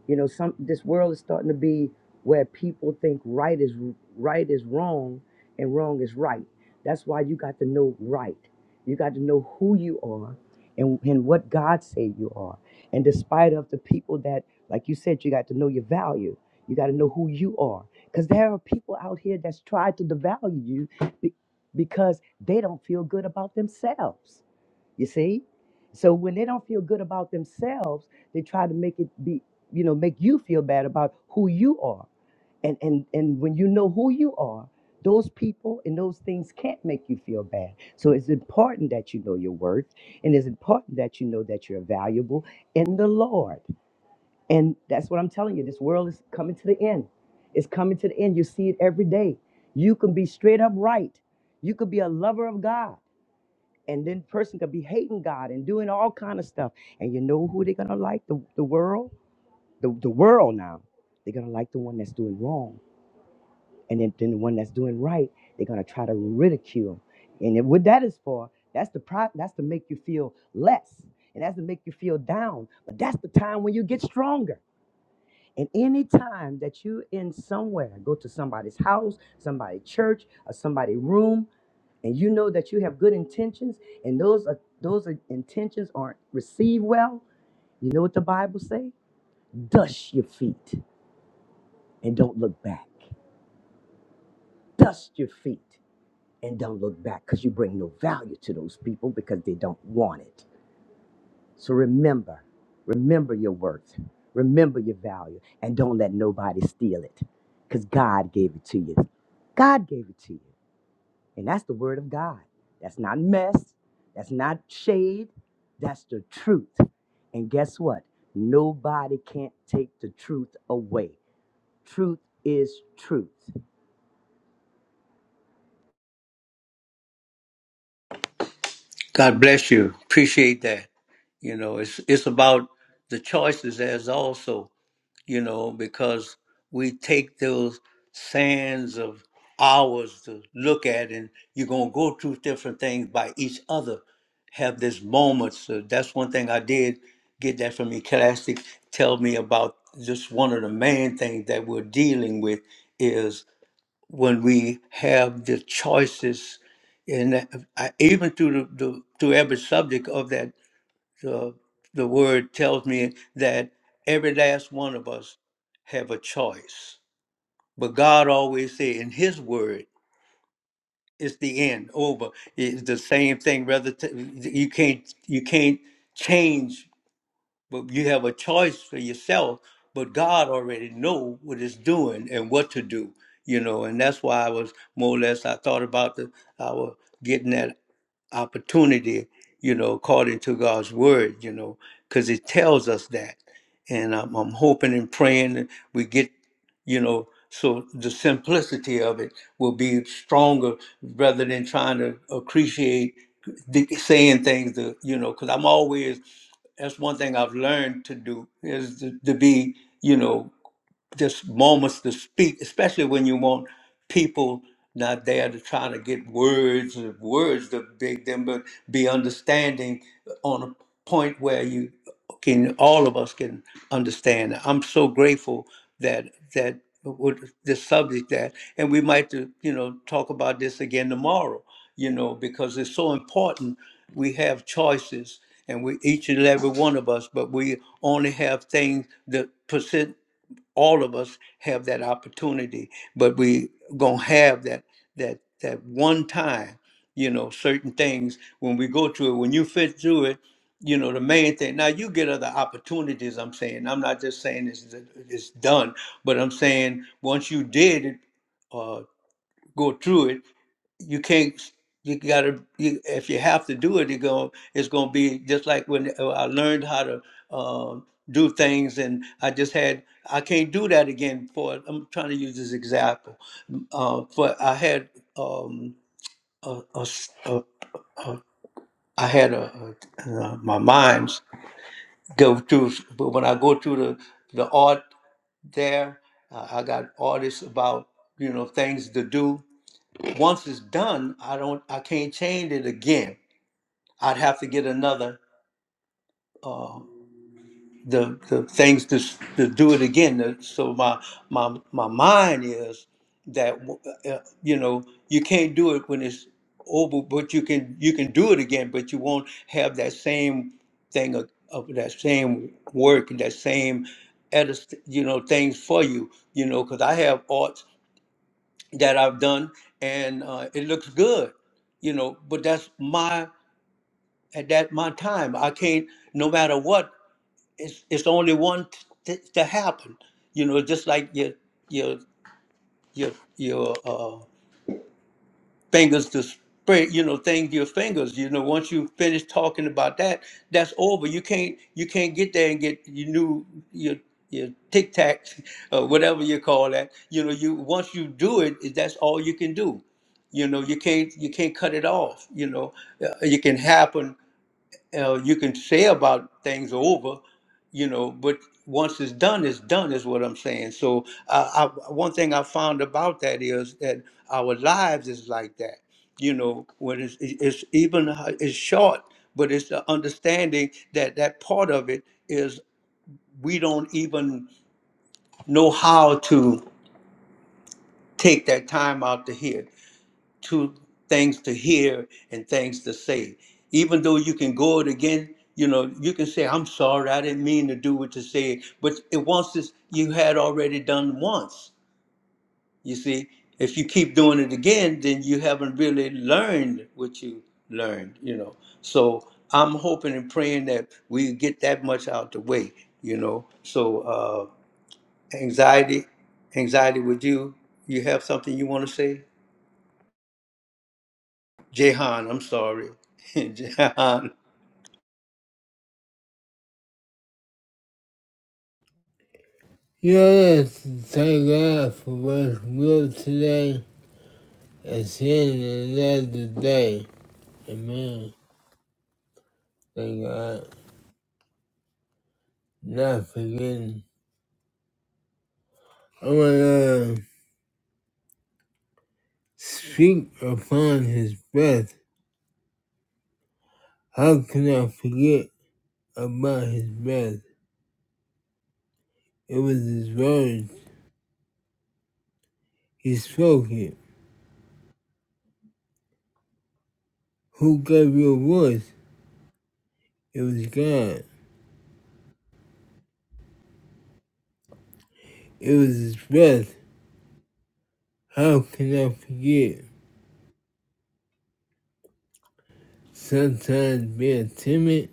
[SPEAKER 4] You know, some this world is starting to be where people think right is right is wrong and wrong is right. That's why you got to know right. You got to know who you are and, and what God said you are. And despite of the people that, like you said, you got to know your value. You got to know who you are. Because there are people out here that's tried to devalue you be- because they don't feel good about themselves. You see? So when they don't feel good about themselves, they try to make it be, you know, make you feel bad about who you are. And and and when you know who you are, those people and those things can't make you feel bad. So it's important that you know your worth and it's important that you know that you're valuable in the Lord. And that's what I'm telling you. This world is coming to the end. It's coming to the end. You see it every day. You can be straight up right. You could be a lover of God and then person could be hating God and doing all kind of stuff. And you know who they're gonna like? The, the world? The, the world now. They're gonna like the one that's doing wrong. And then, then the one that's doing right, they're gonna try to ridicule. And it, what that is for, that's the pride, that's to make you feel less. And that's to make you feel down. But that's the time when you get stronger. And any time that you in somewhere, go to somebody's house, somebody's church, or somebody's room, and you know that you have good intentions and those are those are intentions aren't received well you know what the bible say dust your feet and don't look back dust your feet and don't look back because you bring no value to those people because they don't want it so remember remember your worth remember your value and don't let nobody steal it because god gave it to you god gave it to you And that's the word of God. That's not mess. That's not shade. That's the truth. And guess what? Nobody can't take the truth away. Truth is truth.
[SPEAKER 1] God bless you. Appreciate that. You know, it's it's about the choices as also. you know, because we take those sands of hours to look at, and you're gonna go through different things by each other. Have this moment. So that's one thing I did get that from Ecclesiastic. Tell me about just one of the main things that we're dealing with is when we have the choices, and that- I- even through the, the through every subject of that the, the word tells me that every last one of us have a choice. But God always said in his word, it's the end over. It's the same thing. Rather, t- you can't you can't change, but you have a choice for yourself. But God already know what it's doing and what to do, you know. And that's why I was more or less I thought about the I was getting that opportunity, you know, according to God's word, you know, because it tells us that. And I'm, I'm hoping and praying that we get, you know, so the simplicity of it will be stronger rather than trying to appreciate the, saying things, to, you know, because I'm always, that's one thing I've learned to do is to, to be, you know, just moments to speak, especially when you want people not there to try to get words or words to big them, but be understanding on a point where you can all of us can understand. I'm so grateful that that with this subject that and we might to you know talk about this again tomorrow, you know, because it's so important. We have choices and we each and every one of us, but we only have things that all of us have that opportunity but we gonna have that that that one time you know certain things when we go through it when you fit through it you know the main thing now you get other opportunities i'm saying i'm not just saying it's, it's done but i'm saying once you did it uh, go through it you can't you gotta you, if you have to do it you go it's gonna be just like when uh, i learned how to um do things and i just had i can't do that again for i'm trying to use this example uh, but i had um a, a s- a- a- I had a, a, uh, my minds go through but when i go through the the art there uh, i got artists about you know things to do once it's done i don't i can't change it again I'd have to get another the, the things to, s- to do it again. Uh, So my my my mind is that uh, you know you can't do it when it's over, but you can you can do it again, but you won't have that same thing of, of that same work and that same edis- you know things for you you know because I have arts that I've done and uh, it looks good you know but that's my at that my time I can't no matter what it's it's only one t- to happen. You know, just like your your your your uh, fingers to spread. You know, thing your fingers. You know, once you finish talking about that, that's over. You can't you can't get there and get your new your your tic tac, uh, whatever you call that. You know, you once you do it, that's all you can do. You know, you can't you can't cut it off. You know, Uh, it can happen uh, you can say about things over, you know, but once it's done, it's done, is what I'm saying. So, uh, I, one thing I found about that is that our lives is like that, you know, when it's, it's even uh, it's short, but it's the understanding that that part of it is we don't even know how to take that time out to hear. two things to hear and things to say. Even though you can go it again, you know, you can say, I'm sorry, I didn't mean to do what you said. But it once is you had already done once. You see, if you keep doing it again, then you haven't really learned what you learned, you know. So I'm hoping and praying that we get that much out the way, you know. So uh anxiety, anxiety with you, you have something you want to say? Jehan, I'm sorry. Jehan.
[SPEAKER 3] Yes, thank God for what's real today. and seeing another day. Amen. Thank God. Not forgetting. I want to speak upon his breath. How can I forget about his breath? It was his words. He spoke it. Who gave you a voice? It was God. It was his breath. How can I forget? Sometimes being timid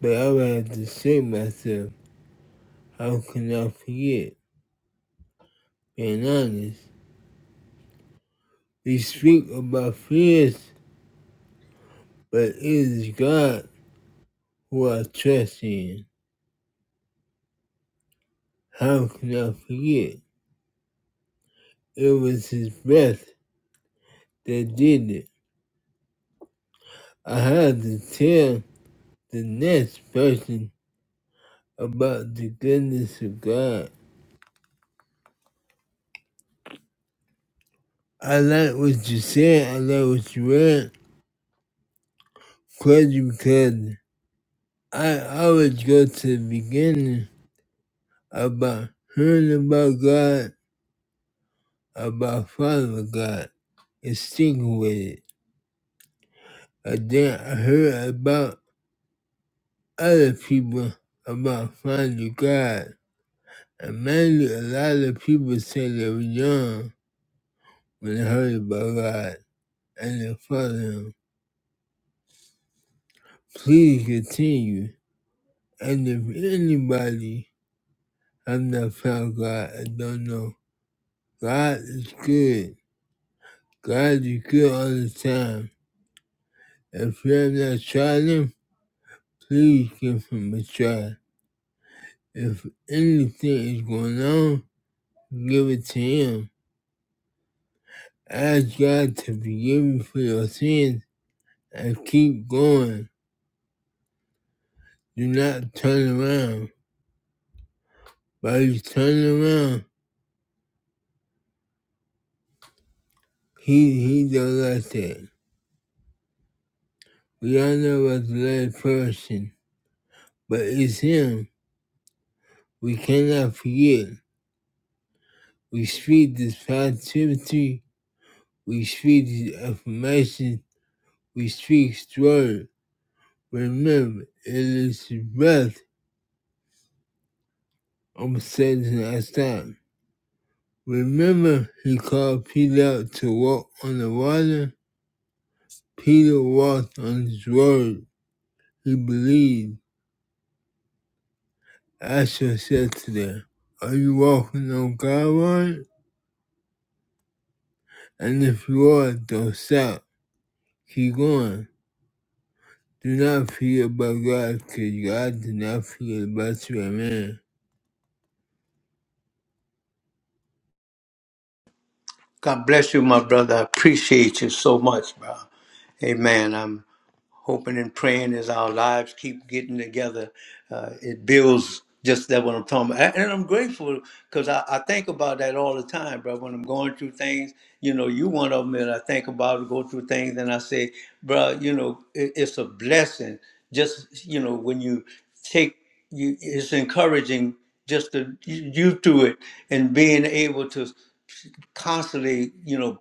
[SPEAKER 3] But I have to say myself, how can I forget? Being honest, we speak about fears, but it is God who I trust in. How can I forget? It was His breath that did it. I had to tell the next person about the goodness of God. I like what you said, I like what you read. Crazy because I always go to the beginning about hearing about God, about following God, and sticking with it. And then I heard about other people about finding God. And mainly a lot of people say they were young when they heard about God and they followed Him. Please continue. And if anybody has not found God and don't know, God is good. God is good all the time. If you have not tried Him, Please give him a try. If anything is going on, give it to him. Ask God to forgive you for your sins and keep going. Do not turn around. By you turn around, he he don't like that. We all know about the last person, but it's him. We cannot forget. We speak this positivity. We speak this affirmation. We speak his word. Remember, it is the breath of Satan as time. Remember, he called Peter out to walk on the water. Peter walked on his word. He believed. Asher said to them, Are you walking on God's word? And if you are, don't stop. Keep going. Do not forget about God, because God did not forget about you. Amen.
[SPEAKER 1] God bless you, my brother. I appreciate you so much, bro. Amen. I'm. hoping and praying as our lives keep getting together, uh, it builds just that what I'm talking about. And I'm grateful because I, I think about that all the time, bro. When I'm going through things, you know, you one of them, and I think about it, go through things, and I say, bro, you know, it, it's a blessing. Just, you know, when you take, you, it's encouraging just to you you through it and being able to constantly, you know,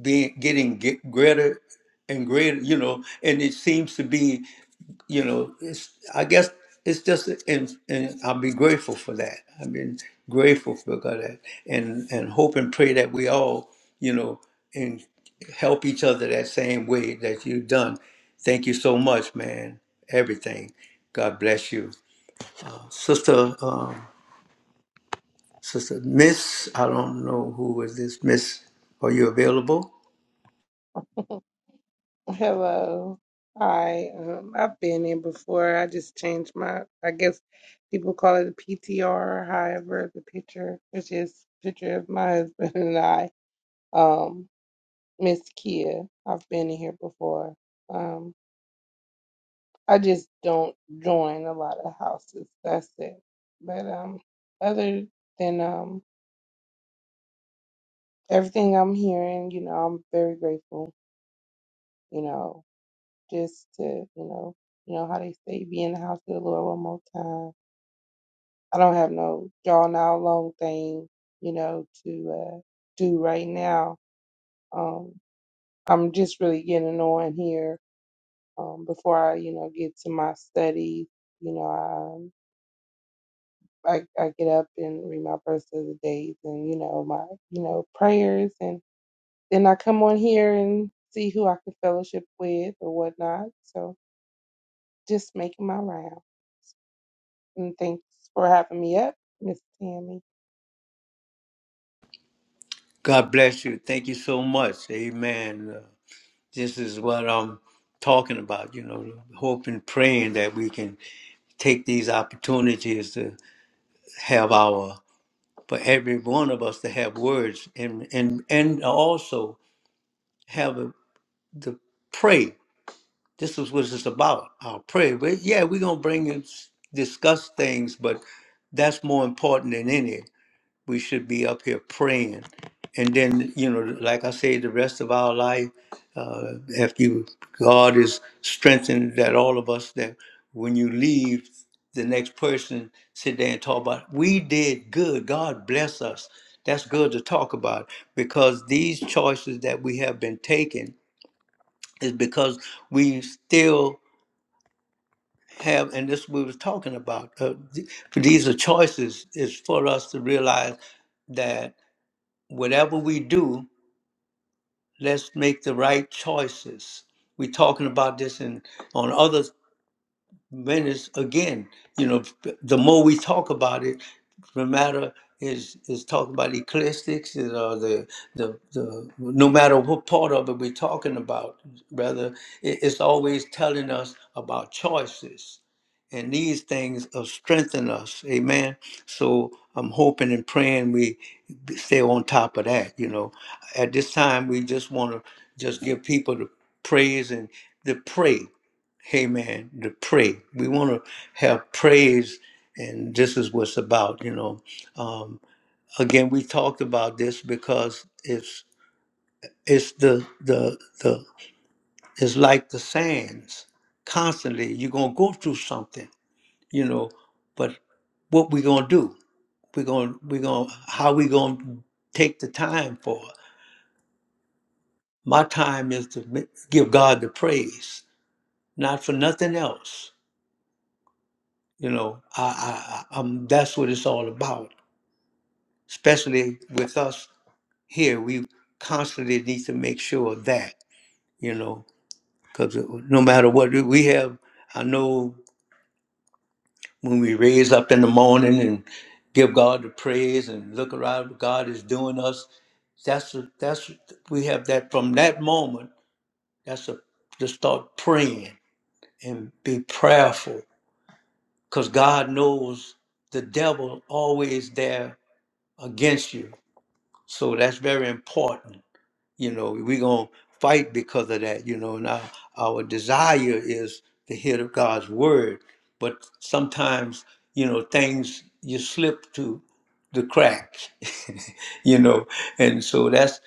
[SPEAKER 1] being getting ge- greater and greater, you know, and it seems to be, you know, it's I guess it's just and and I'll be grateful for that. I've been grateful for God that and and hope and pray that we all, you know, and help each other that same way that you've done. Thank you so much, man. Everything. God bless you. Sister um, Sister Miss, I don't know who is this Miss. Are you available?
[SPEAKER 5] Hello. Hi. Um, I've been in before. I just changed my, I guess people call it a PTR or however the picture, which is picture of my husband and I. Um, Miss Kia. I've been in here before. Um, I just don't join a lot of houses. That's it. But um, other than um everything I'm hearing, you know, I'm very grateful. You know, just to, you know, you know how they say, be in the house of the Lord one more time. I don't have no drawn out long thing, you know, to uh, do right now. Um, I'm just really getting on here um, before I, you know, get to my studies. You know, I, um, I I get up and read my verse of the days and you know my you know prayers and then I come on here and see who I can fellowship with or whatnot. So just making my rounds. And thanks for having me up, Miss Tammy.
[SPEAKER 1] God bless you. Thank you so much. Amen. Uh, This is what I'm talking about, you know, hoping, praying that we can take these opportunities to have our, for every one of us to have words and, and, and also have a, the pray. This is what it's about, our prayer. But yeah, we're going to bring and s- discuss things, but that's more important than any. we should be up here praying. And then, you know, like I say, the rest of our life, uh, after you, God is strengthened that all of us that when you leave, the next person sit there and talk about we did good. God bless us. That's good to talk about because these choices that we have been taking is because we still have, and this we was talking about. Uh, th- these are choices. It's for us to realize that whatever we do, let's make the right choices. We're talking about this in on other menace again. You know, the more we talk about it, no matter is is talking about ecliptics, you know, the the the no matter what part of it we're talking about, rather it, it's always telling us about choices, and these things will strengthen us. Amen. So I'm hoping and praying we stay on top of that. You know, at this time we just want to just give people the praise and the pray amen, to pray. We want to have praise, and this is what's about, you know. Um, again, we talked about this because it's it's the the the it's like the sands. Constantly, you're gonna go through something, you know. But what we gonna do? We're gonna we're gonna how we gonna take the time for? My time is to mi- give God the praise, not for nothing else. You know, I, I, I- I'm, that's what it's all about especially with us here, we constantly need to make sure of that, you know, because no matter what we we have, I know when we raise up in the morning and give God the praise and look around, what God is doing us. That's a, that's we have that from that moment. That's a to start praying and be prayerful, because God knows the devil always there against you. So that's very important you know we're going to fight because of that you know and our, our desire is to hear of god's word but sometimes you know things you slip to the cracks you know and so that's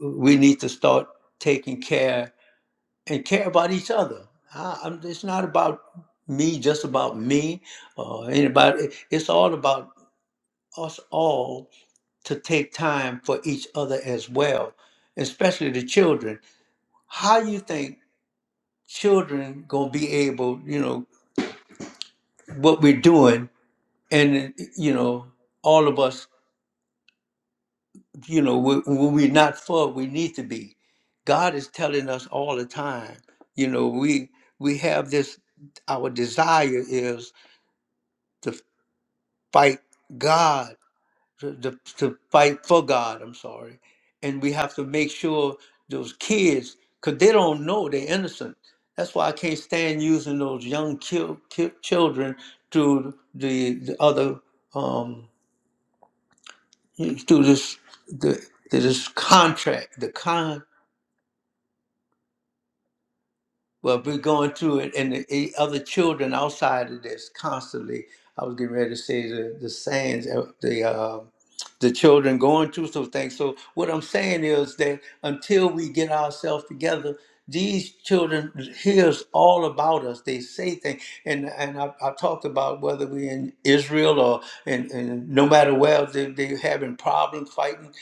[SPEAKER 1] we need to start taking care and care about each other I, I'm, it's not about me just about me or anybody it's all about us all to take time for each other as well especially the children how do you think children gonna be able, you know, what we're doing, and you know, all of us, you know, we- when we're not for, we need to be. God is telling us all the time, you know, we we have this, our desire is to fight God to, to, to fight for God. I'm sorry, and we have to make sure those kids, because they don't know they're innocent. That's why I can't stand using those young kill, kill, children through the, the other um, through this the, this contract, the Well, we're going through it, and the, the other children outside of this constantly. I was getting ready to say the the sayings, uh, the uh, the children going through some things. So what I'm saying is that until we get ourselves together, these children hears all about us. They say things, and and I, I talked about whether we're in Israel or and, and no matter where they they having problems fighting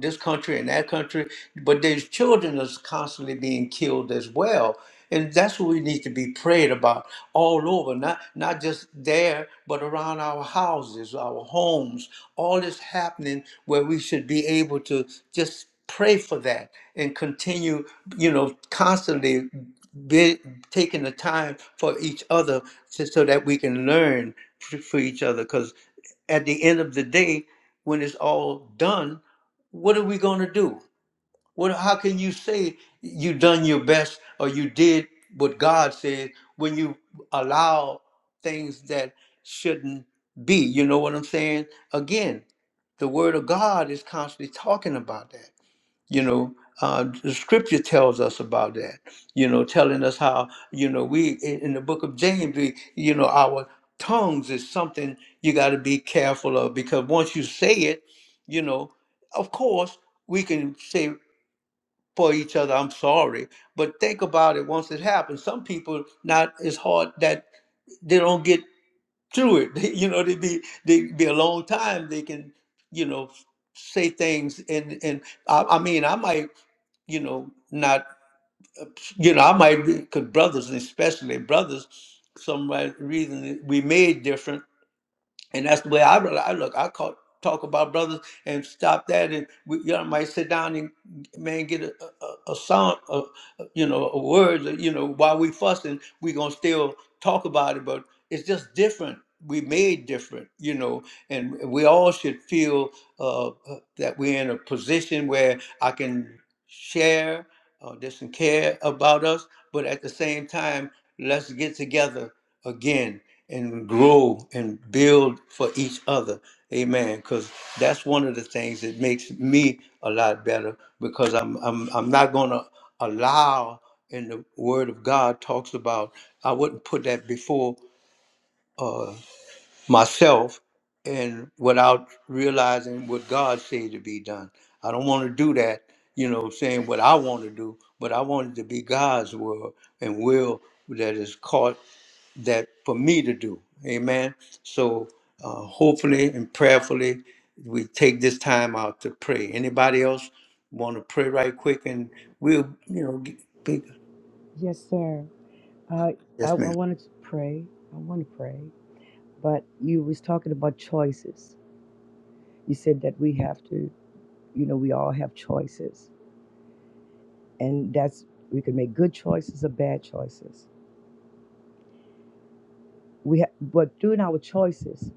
[SPEAKER 1] this country and that country, but there's children that's constantly being killed as well. And that's what we need to be prayed about all over, not not just there, but around our houses, our homes. All this happening where we should be able to just pray for that and continue, you know, constantly be, taking the time for each other so, so that we can learn f- for each other. Because at the end of the day, when it's all done, what are we going to do? What? how can you say you done your best or you did what God said when you allow things that shouldn't be? You know what I'm saying? Again, the Word of God is constantly talking about that. You know, uh, the Scripture tells us about that. You know, telling us how you know we in in the Book of James, we you know our tongues is something you got to be careful of because once you say it, you know, of course we can say for each other. I'm sorry, but think about it. Once it happens, some people not as hard that they don't get through it. They, you know, they be they be a long time. They can you know say things and and I, I mean I might you know not you know I might because brothers especially brothers some right reason we made different and that's the way I, rel- I look. I call, talk about brothers and stop that, and we, you know, might sit down and man get a, a, a sound, a, a- you know, a word. You know, while we fussing, we gonna still talk about it, but it's just different. We made different, you know, and we all should feel uh, uh, that we're in a position where I can share uh, this and care about us, but at the same time, let's get together again and grow and build for each other. Amen. Because that's one of the things that makes me a lot better because I'm I'm I'm not gonna allow and the Word of God talks about. I wouldn't put that before uh, myself, and without realizing what God said to be done. I don't want to do that, you know, saying what I want to do, but I want it to be God's will and will that is caught that for me to do. Amen. So uh, hopefully and prayerfully, we take this time out to pray. Anybody else want to pray right quick, and we'll, you know, get,
[SPEAKER 4] Yes, sir. I I, I
[SPEAKER 1] yes, ma'am.
[SPEAKER 4] wanted to pray. I want to pray, but you was talking about choices. You said that we have to, you know, we all have choices, and that's we can make good choices or bad choices. We ha- but doing our choices.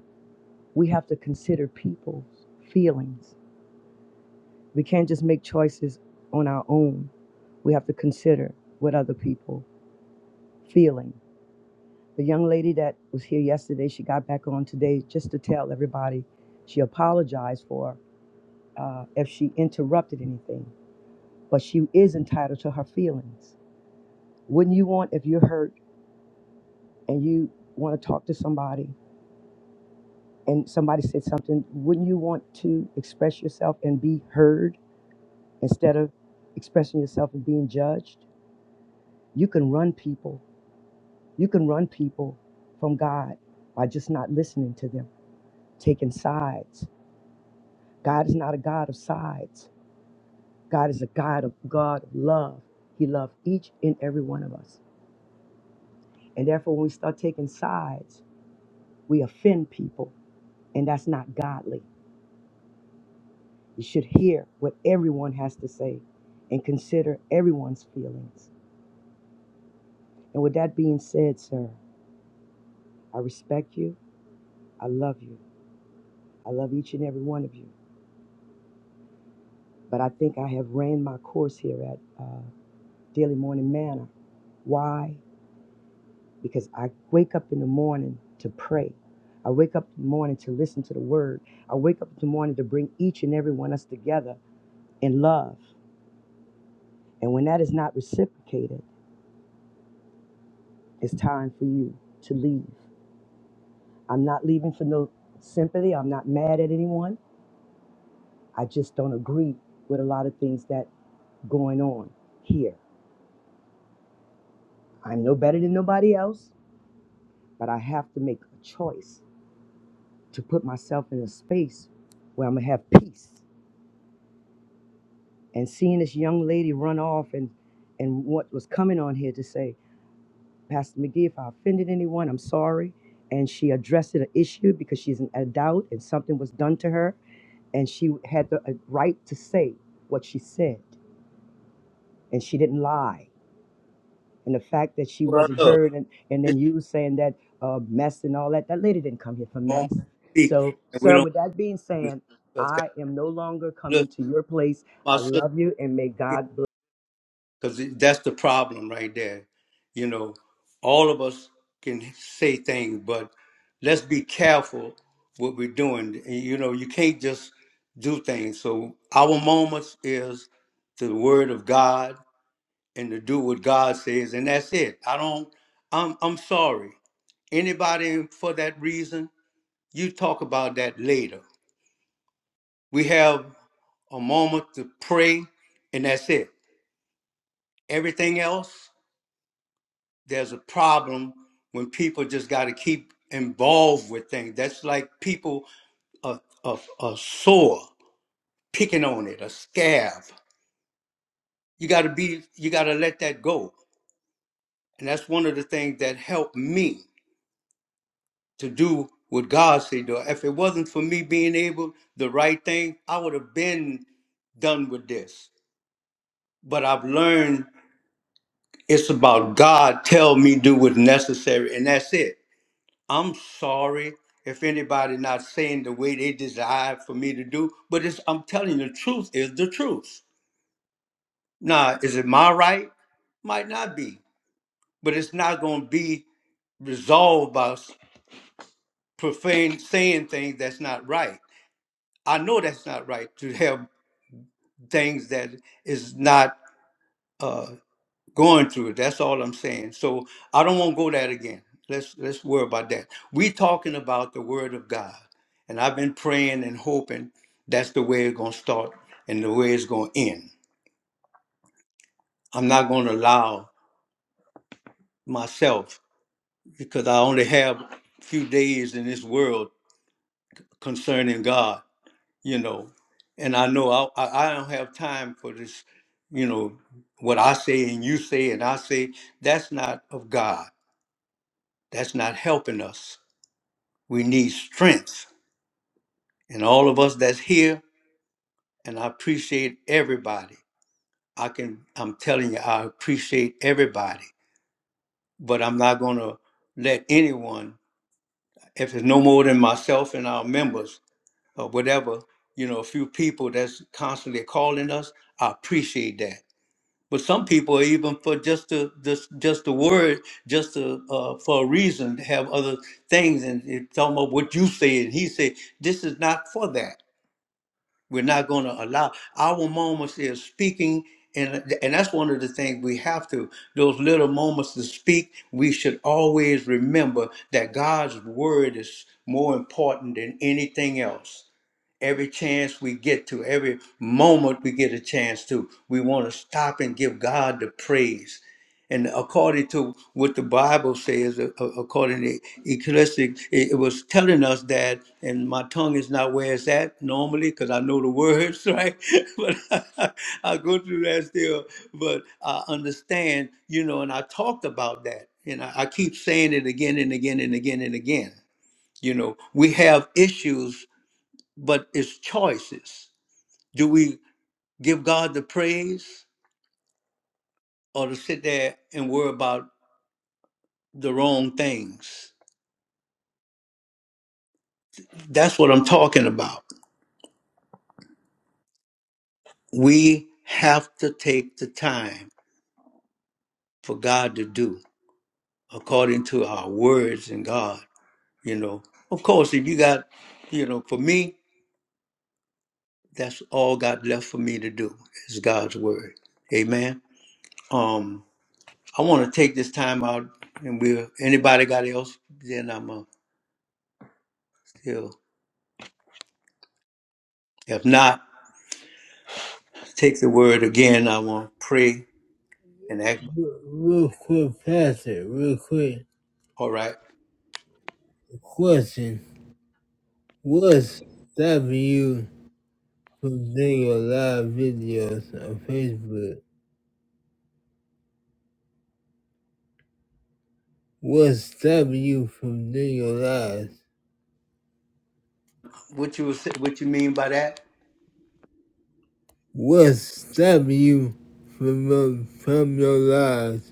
[SPEAKER 4] we have to consider people's feelings. We can't just make choices on our own. We have to consider what other people are feeling. The young lady that was here yesterday, she got back on today just to tell everybody she apologized for uh, if she interrupted anything, but she is entitled to her feelings. Wouldn't you want if you're hurt and you want to talk to somebody and somebody said something? Wouldn't you want to express yourself and be heard? instead of expressing yourself and being judged you can run people you can run people from god by just not listening to them taking sides god is not a god of sides god is a god of god of love he loved each and every one of us and therefore when we start taking sides we offend people and that's not godly you should hear what everyone has to say and consider everyone's feelings and with that being said sir i respect you i love you I love each and every one of you. But I think I have ran my course here at uh, Daily Morning Manor. Why? Because I wake up in the morning to pray. I wake up in the morning to listen to the word. I wake up in the morning to bring each and every one of us together in love. And when that is not reciprocated, it's time for you to leave. I'm not leaving for no sympathy. I'm not mad at anyone. I just don't agree with a lot of things that going on here. I'm no better than nobody else. but I have to make a choice to put myself in a space where I'm gonna have peace. And seeing this young lady run off and and what was coming on here to say, Pastor McGee, if I offended anyone, I'm sorry. And she addressed an issue because she's an adult and something was done to her, and she had the uh, right to say what she said, and she didn't lie and the fact that she
[SPEAKER 1] Well,
[SPEAKER 4] wasn't
[SPEAKER 1] look.
[SPEAKER 4] heard, and, and then you saying that uh, mess and all that. That lady didn't come here for
[SPEAKER 1] moment
[SPEAKER 4] mess.
[SPEAKER 1] to speak,
[SPEAKER 4] So,
[SPEAKER 1] and we
[SPEAKER 4] sir,
[SPEAKER 1] don't
[SPEAKER 4] with that being said,
[SPEAKER 1] discuss that.
[SPEAKER 4] I am no longer
[SPEAKER 1] Look,
[SPEAKER 4] coming to your place.
[SPEAKER 1] my
[SPEAKER 4] I
[SPEAKER 1] sister,
[SPEAKER 4] love you, and may God bless.
[SPEAKER 1] because that's the problem right there. You know, all of us can say things, but let's be careful what we're doing. And, You know, you can't just do things. So our moments is the Word of God and to do what God says, and that's it. I don't. I'm. I'm sorry. Anybody for that reason, you talk about that later. We have. a moment to pray, and that's it. Everything else, there's a problem when people just got to keep involved with things. That's like people a, a, a sore, picking on it, a scab. You got to be, you got to let that go. And that's one of the things that helped me to do what God said. to If it wasn't for me being able the right thing, I would have been done with this. But I've learned It's about God tell me do what's necessary, and that's it. I'm sorry if anybody not saying the way they desire for me to do, but it's, I'm telling you, the truth is the truth. Now, is it my right? Might not be, but it's not going to be resolved by s- profane saying things that's not right. I know that's not right to have things that is not. uh, going through it. That's all I'm saying. So I don't want to go that again. Let's let's worry about that. We're talking about the word of God. And I've been praying and hoping that's the way it's gonna start and the way it's gonna end. I'm not gonna allow myself because I only have a few days in this world concerning God, you know. And I know I, I I don't have time for this, you know, what I say and you say and I say, that's not of God. That's not helping us We need strength. And all of us that's here, and I appreciate everybody. I can I'm telling you, I appreciate everybody. But I'm not gonna let anyone, if it's no more than myself and our members or whatever, you know, a few people that's constantly calling us, I appreciate that. But some people, even for just the just just the word, just to, uh, for a reason, to have other things, and it's talking about what you say and he said. This is not for that. We're not going to allow our moments is speaking, and and that's one of the things we have to. Those little moments to speak, we should always remember that God's word is more important than anything else every chance we get to, every moment we get a chance to, we want to stop and give God the praise. And according to what the Bible says, a- a- according to Ecclesiastes, it it was telling us that, and my tongue is not where it's at normally because I know the words, right? but I, I go through that still. But I understand, you know, and I talked about that. And I, I keep saying it again and again and again and again. You know, we have issues but it's choices. Do we give God the praise or to sit there and worry about the wrong things? That's what I'm talking about. We have to take the time for God to do according to our words in God, you know. Of course, if you got, you know, for me, that's all God left for me to do is God's word. Amen. Um, I want to take this time out and we'll anybody got else, then I'm up. If not, take the word again. I want to pray and ask.
[SPEAKER 3] Real quick, Pastor, real quick.
[SPEAKER 1] All right,
[SPEAKER 3] Question What's stopping you from doing your live videos on Facebook? What's stopping you from doing your lives?
[SPEAKER 1] what you was- what you mean by that?
[SPEAKER 3] What's stopping you from your, from your lives?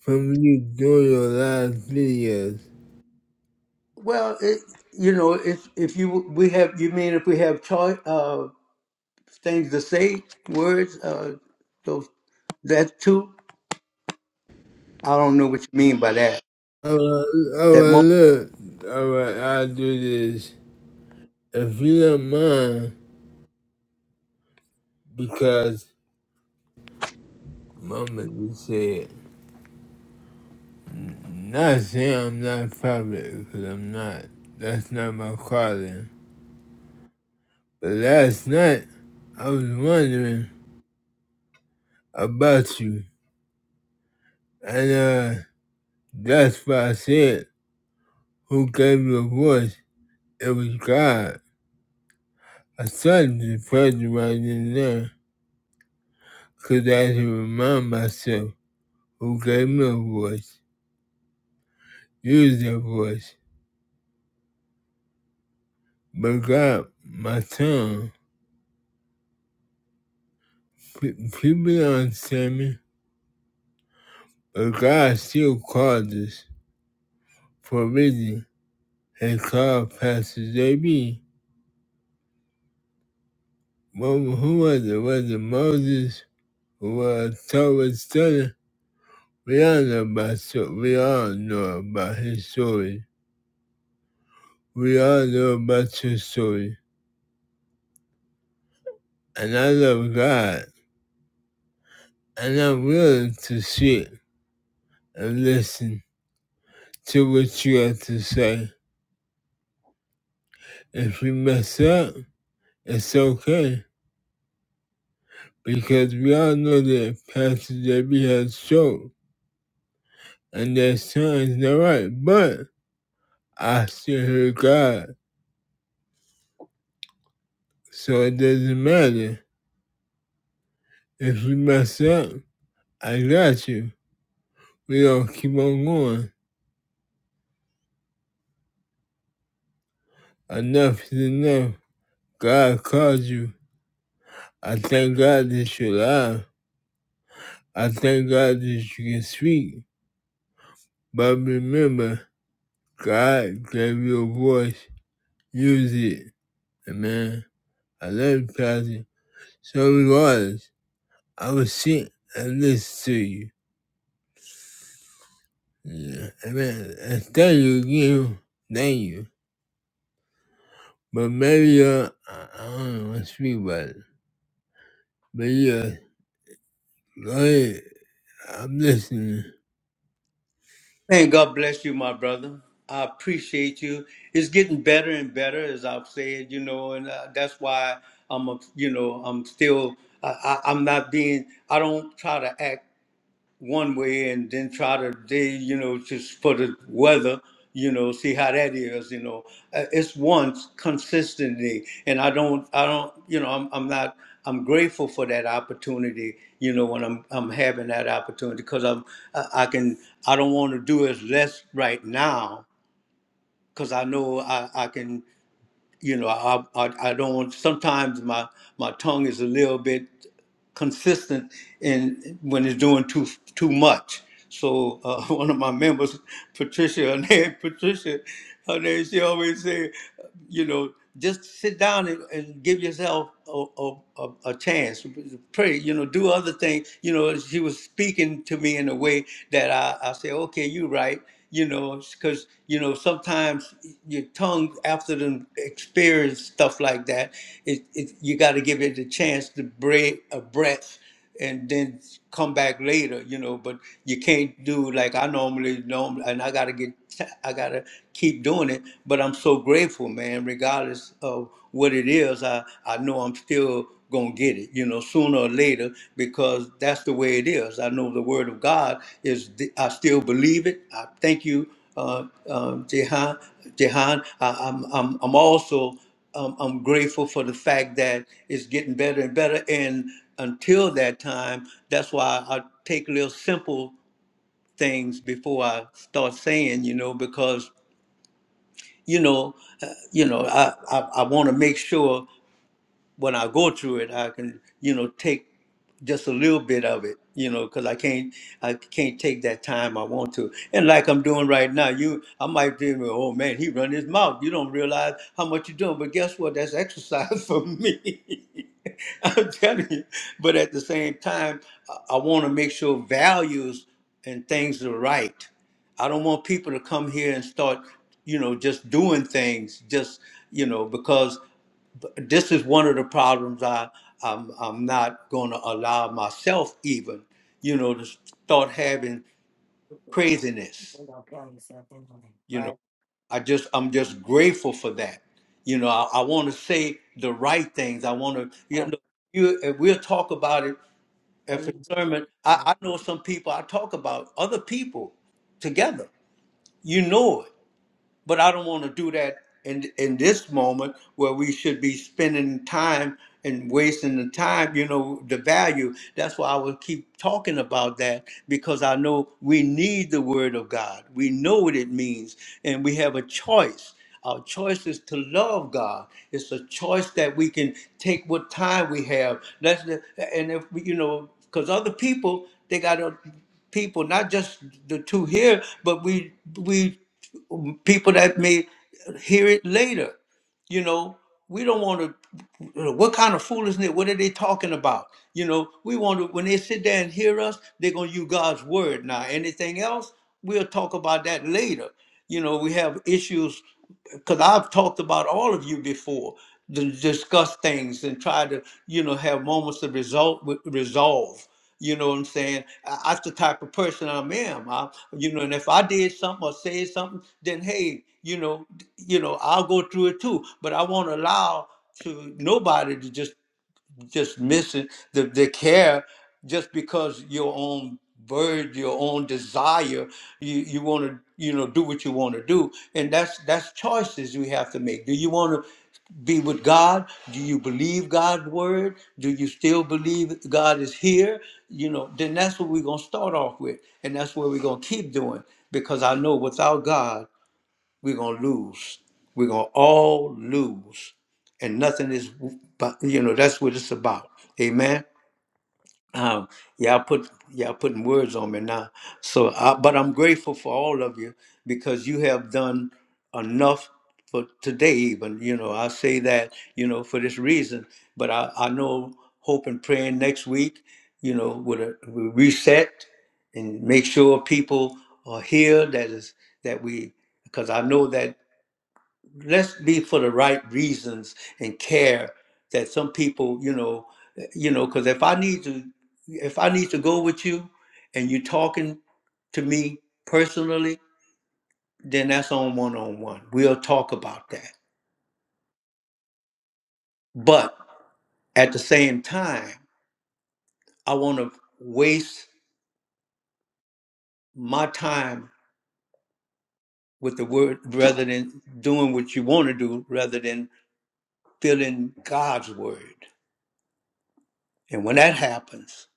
[SPEAKER 3] From you doing your live videos?
[SPEAKER 1] Well, it, you know, if if you we have you mean if we have choice uh, things to say, words, uh, those that too. I don't know what you mean by that.
[SPEAKER 3] Alright,
[SPEAKER 1] That
[SPEAKER 3] alright,
[SPEAKER 1] moment.
[SPEAKER 3] look. Alright, I'll do this. If you don't mind, because Mama just said, not saying I'm not public, because I'm not. That's not my calling. But last night, I was wondering about you, and uh, that's why I said, Who gave you a voice? It was God. I started to praise you right in there, 'cause I had to remind myself who gave me a voice, use that voice. But God, my tongue, pe- people don't understand me, but God still called us for a reason. He called Pastor JB Well, who was it? Was it Moses? Who was Torah's study? We all know about so we all know about his story. We all know about your story. And I love God. And I'm willing to sit and listen to what you have to say. If you mess up, it's okay. Because we all know that Pastor Debbie has stroke and there's times not right. But I still hear God. So it doesn't matter If we mess up, I got you. We gonna keep on going. Enough is enough. God called you. I thank God that you're alive. I thank God that you can speak. But remember, God gave you a voice. Use it. Amen. I love you, Pastor. So regardless, I will sit and listen to you. Yeah. Amen. And thank you again. Thank you. But maybe uh, I I don't want to speak about it. But yeah, Go ahead. I'm listening.
[SPEAKER 1] And God bless you, my brother. I appreciate you. It's getting better and better, as I've said, you know, and uh, that's why I'm, a, you know, I'm still, I, I, I'm not being, I don't try to act one way and then try to day, you know, just for the weather, you know, see how that is, you know. Uh, It's once consistently, and I don't, I don't, you know, I'm, I'm not, I'm grateful for that opportunity, you know, when I'm, I'm having that opportunity because I'm, I I can, I don't want to do as less right now because I know I, I can you know, I, I, I don't. want. Sometimes my my tongue is a little bit consistent in when it's doing too too much. So uh, one of my members, Patricia, her name Patricia, her name she always say, you know, just sit down and, and give yourself a, a, a, a chance. Pray, you know, do other things. You know, she was speaking to me in a way that I, I say, okay, you're right you know, because you know sometimes your tongue after them experience stuff like that, it, it you got to give it a chance to break a breath and then come back later, you know. But you can't do like I normally normally, and I gotta get I gotta keep doing it. But I'm so grateful, man. Regardless of what it is, I I know I'm still gonna get it, you know, sooner or later, because that's the way it is. I know the word of God is. I still believe it. I thank you, uh, um, Jehan. Jehan, I, I'm, I'm, I'm also, um, I'm grateful for the fact that it's getting better and better. And until that time, that's why I take little simple things before I start saying, you know, because you know, uh, you know, I I, I want to make sure when I go through it, I can you know take just a little bit of it, you know, because I can't I can't take that time I want to. And like I'm doing right now, you I might think, oh man, he run his mouth. You don't realize how much you're doing, but guess what? That's exercise for me. I'm telling you. But at the same time, I, I want to make sure values and things are right. I don't want people to come here and start, you know, just doing things just, you know, because this is one of the problems I I'm, I'm not going to allow myself even you know to start having craziness you know I just I'm just grateful for that you know I, I want to say the right things I want to you know you and we'll talk about it at the sermon I, I know some people I talk about other people together you know it but I don't want to do that in in this moment where we should be spending time and wasting the time, you know, the value. That's why I will keep talking about that because I know we need the word of God. We know what it means and we have a choice. Our choice is to love God. It's a choice that we can take what time we have. That's the, and if we, you know, because other people they got to people, not just the two here, but we we people that may hear it later. You know, we don't want to. What kind of foolishness? What are they talking about? You know, we want to. When they sit there and hear us, they're gonna use God's word. Now, anything else, we'll talk about that later. You know, we have issues because I've talked about all of you before to discuss things and try to, you know, have moments of result with resolve. You know what I'm saying? I, that's the type of person I am. I, you know, and if I did something or said something, then hey, you know, d- you know, I'll go through it too. But I won't allow to nobody to just just missing the, the care just because your own bird, your own desire, you, you want to, you know, do what you want to do. And that's that's choices we have to make. Do you want to be with God? Do you believe God's word? Do you still believe God is here? You know, then that's what we're gonna start off with. And that's what we're gonna keep doing. Because I know without God, we're gonna lose. We're gonna all lose, and nothing is. But you know that's what it's about. Amen. Um, y'all put y'all putting words on me now. So, I, but I'm grateful for all of you because you have done enough for today. Even you know, I say that you know for this reason. But I, I know hope and praying next week. You know, with a with a reset and make sure people are here. That is that we because I know that let's be for the right reasons and care that some people you know you know because if i need to if i need to go with you and you're talking to me personally then that's on one-on-one we'll talk about that but at the same time i want to waste my time with the word rather than doing what you want to do rather than filling god's word and when that happens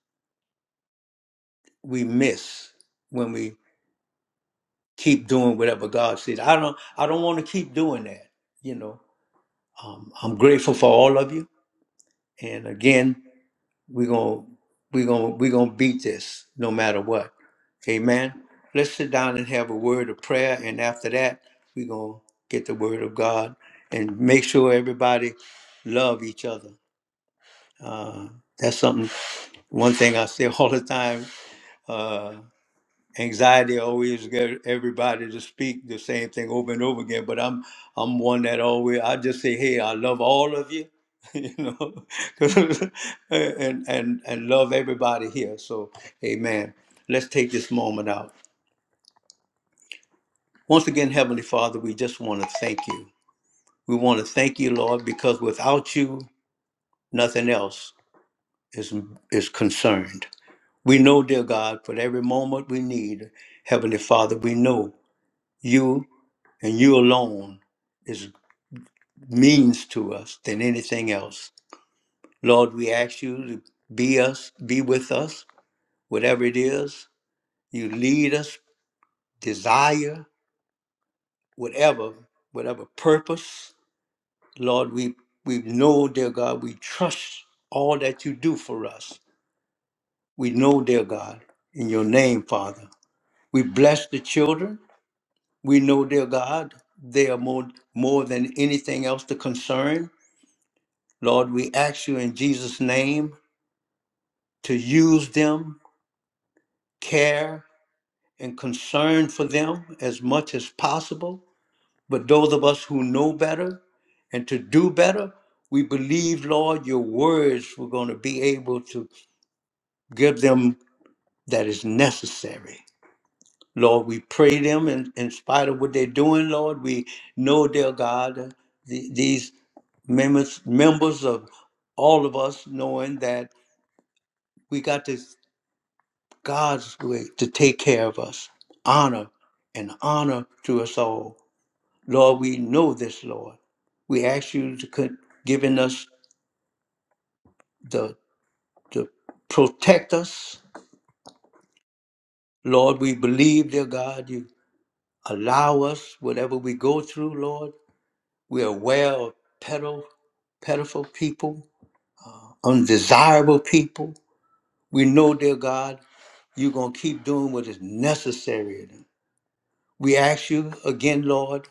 [SPEAKER 1] we miss when we keep doing whatever God says. I don't I don't want to keep doing that. You know, um, I'm grateful for all of you. And again, we're gonna we're gonna we're gonna beat this no matter what. Amen. Let's sit down and have a word of prayer, and after that, we're gonna get the word of God and make sure everybody love each other. Uh, that's something. One thing I say all the time. uh, anxiety always get everybody to speak the same thing over and over again but i'm i'm one that always i just say hey i love all of you you know 'cause- and and and love everybody here so amen let's take this moment out once again heavenly father we just want to thank you we want to thank you lord because without you nothing else is is concerned we know dear god for every moment we need heavenly father we know you and you alone is means to us than anything else. Lord, we ask you to be us, be with us, whatever it is. You lead us, desire, whatever, whatever purpose. Lord, we we know, dear God, we trust all that you do for us. We know, dear God, in your name, Father. We bless the children. We know, dear God, they are more more than anything else the concern. Lord, we ask you in Jesus' name to use them, care, and concern for them as much as possible. But those of us who know better and to do better, we believe, Lord, your words were going to be able to give them that is necessary. Lord, we pray them in, in spite of what they're doing, Lord. We know, dear God, uh, the, these members members of all of us knowing that we got to God's great to take care of us. Honor and honor to us all. Lord, we know this, Lord. We ask you to con- giving us the to protect us. Lord, we believe, dear God, you allow us whatever we go through, Lord. We're aware of pedo, pedophile people, undesirable people. We know, dear God, you're going to keep doing what is necessary. We ask you again, Lord,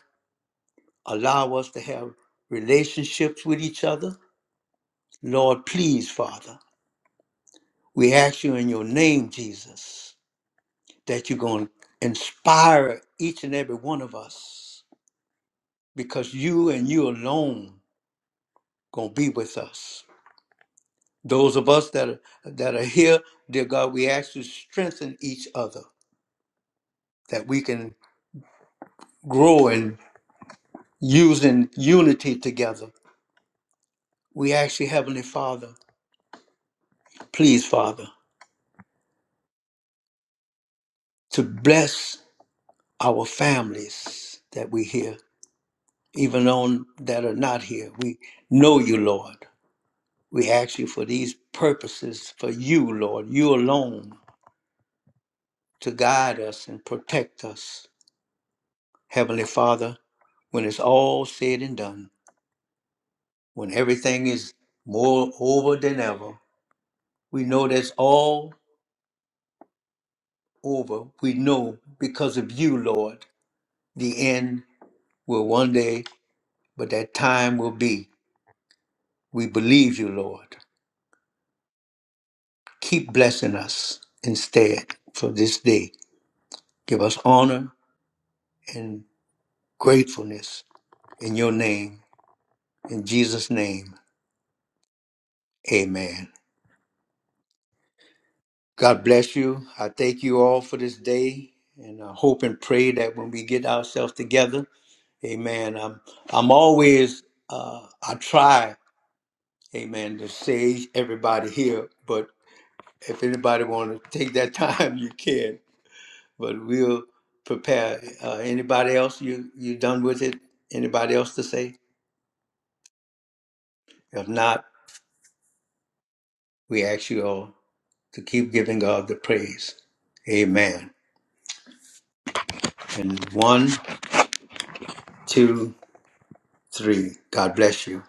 [SPEAKER 1] Allow us to have relationships with each other. Lord, please, Father, we ask you in your name, Jesus, that you're going to inspire each and every one of us because you and you alone going to be with us. Those of us that are, that are here, dear God, we ask you to strengthen each other that we can grow in using unity together. We ask you, Heavenly Father, please, Father, to bless our families that we hear, even on that are not here. We know you, Lord. We ask you for these purposes for you, Lord, you alone to guide us and protect us. Heavenly Father, when it's all said and done, when everything is more over than ever, we know that's all over. We know because of you, Lord, the end will one day, but that time will be. We believe you, Lord. keep blessing us instead for this day. Give us honor and gratefulness in your name. In Jesus' name, amen. God bless you. I thank you all for this day. And I hope and pray that when we get ourselves together, amen. I'm, I'm always, uh, I try, amen, to say everybody here, but if anybody want to take that time, you can. but we'll prepare. Uh, anybody else? You you done with it? Anybody else to say? If not, we ask you all to keep giving God the praise. Amen. And one, two, three. God bless you.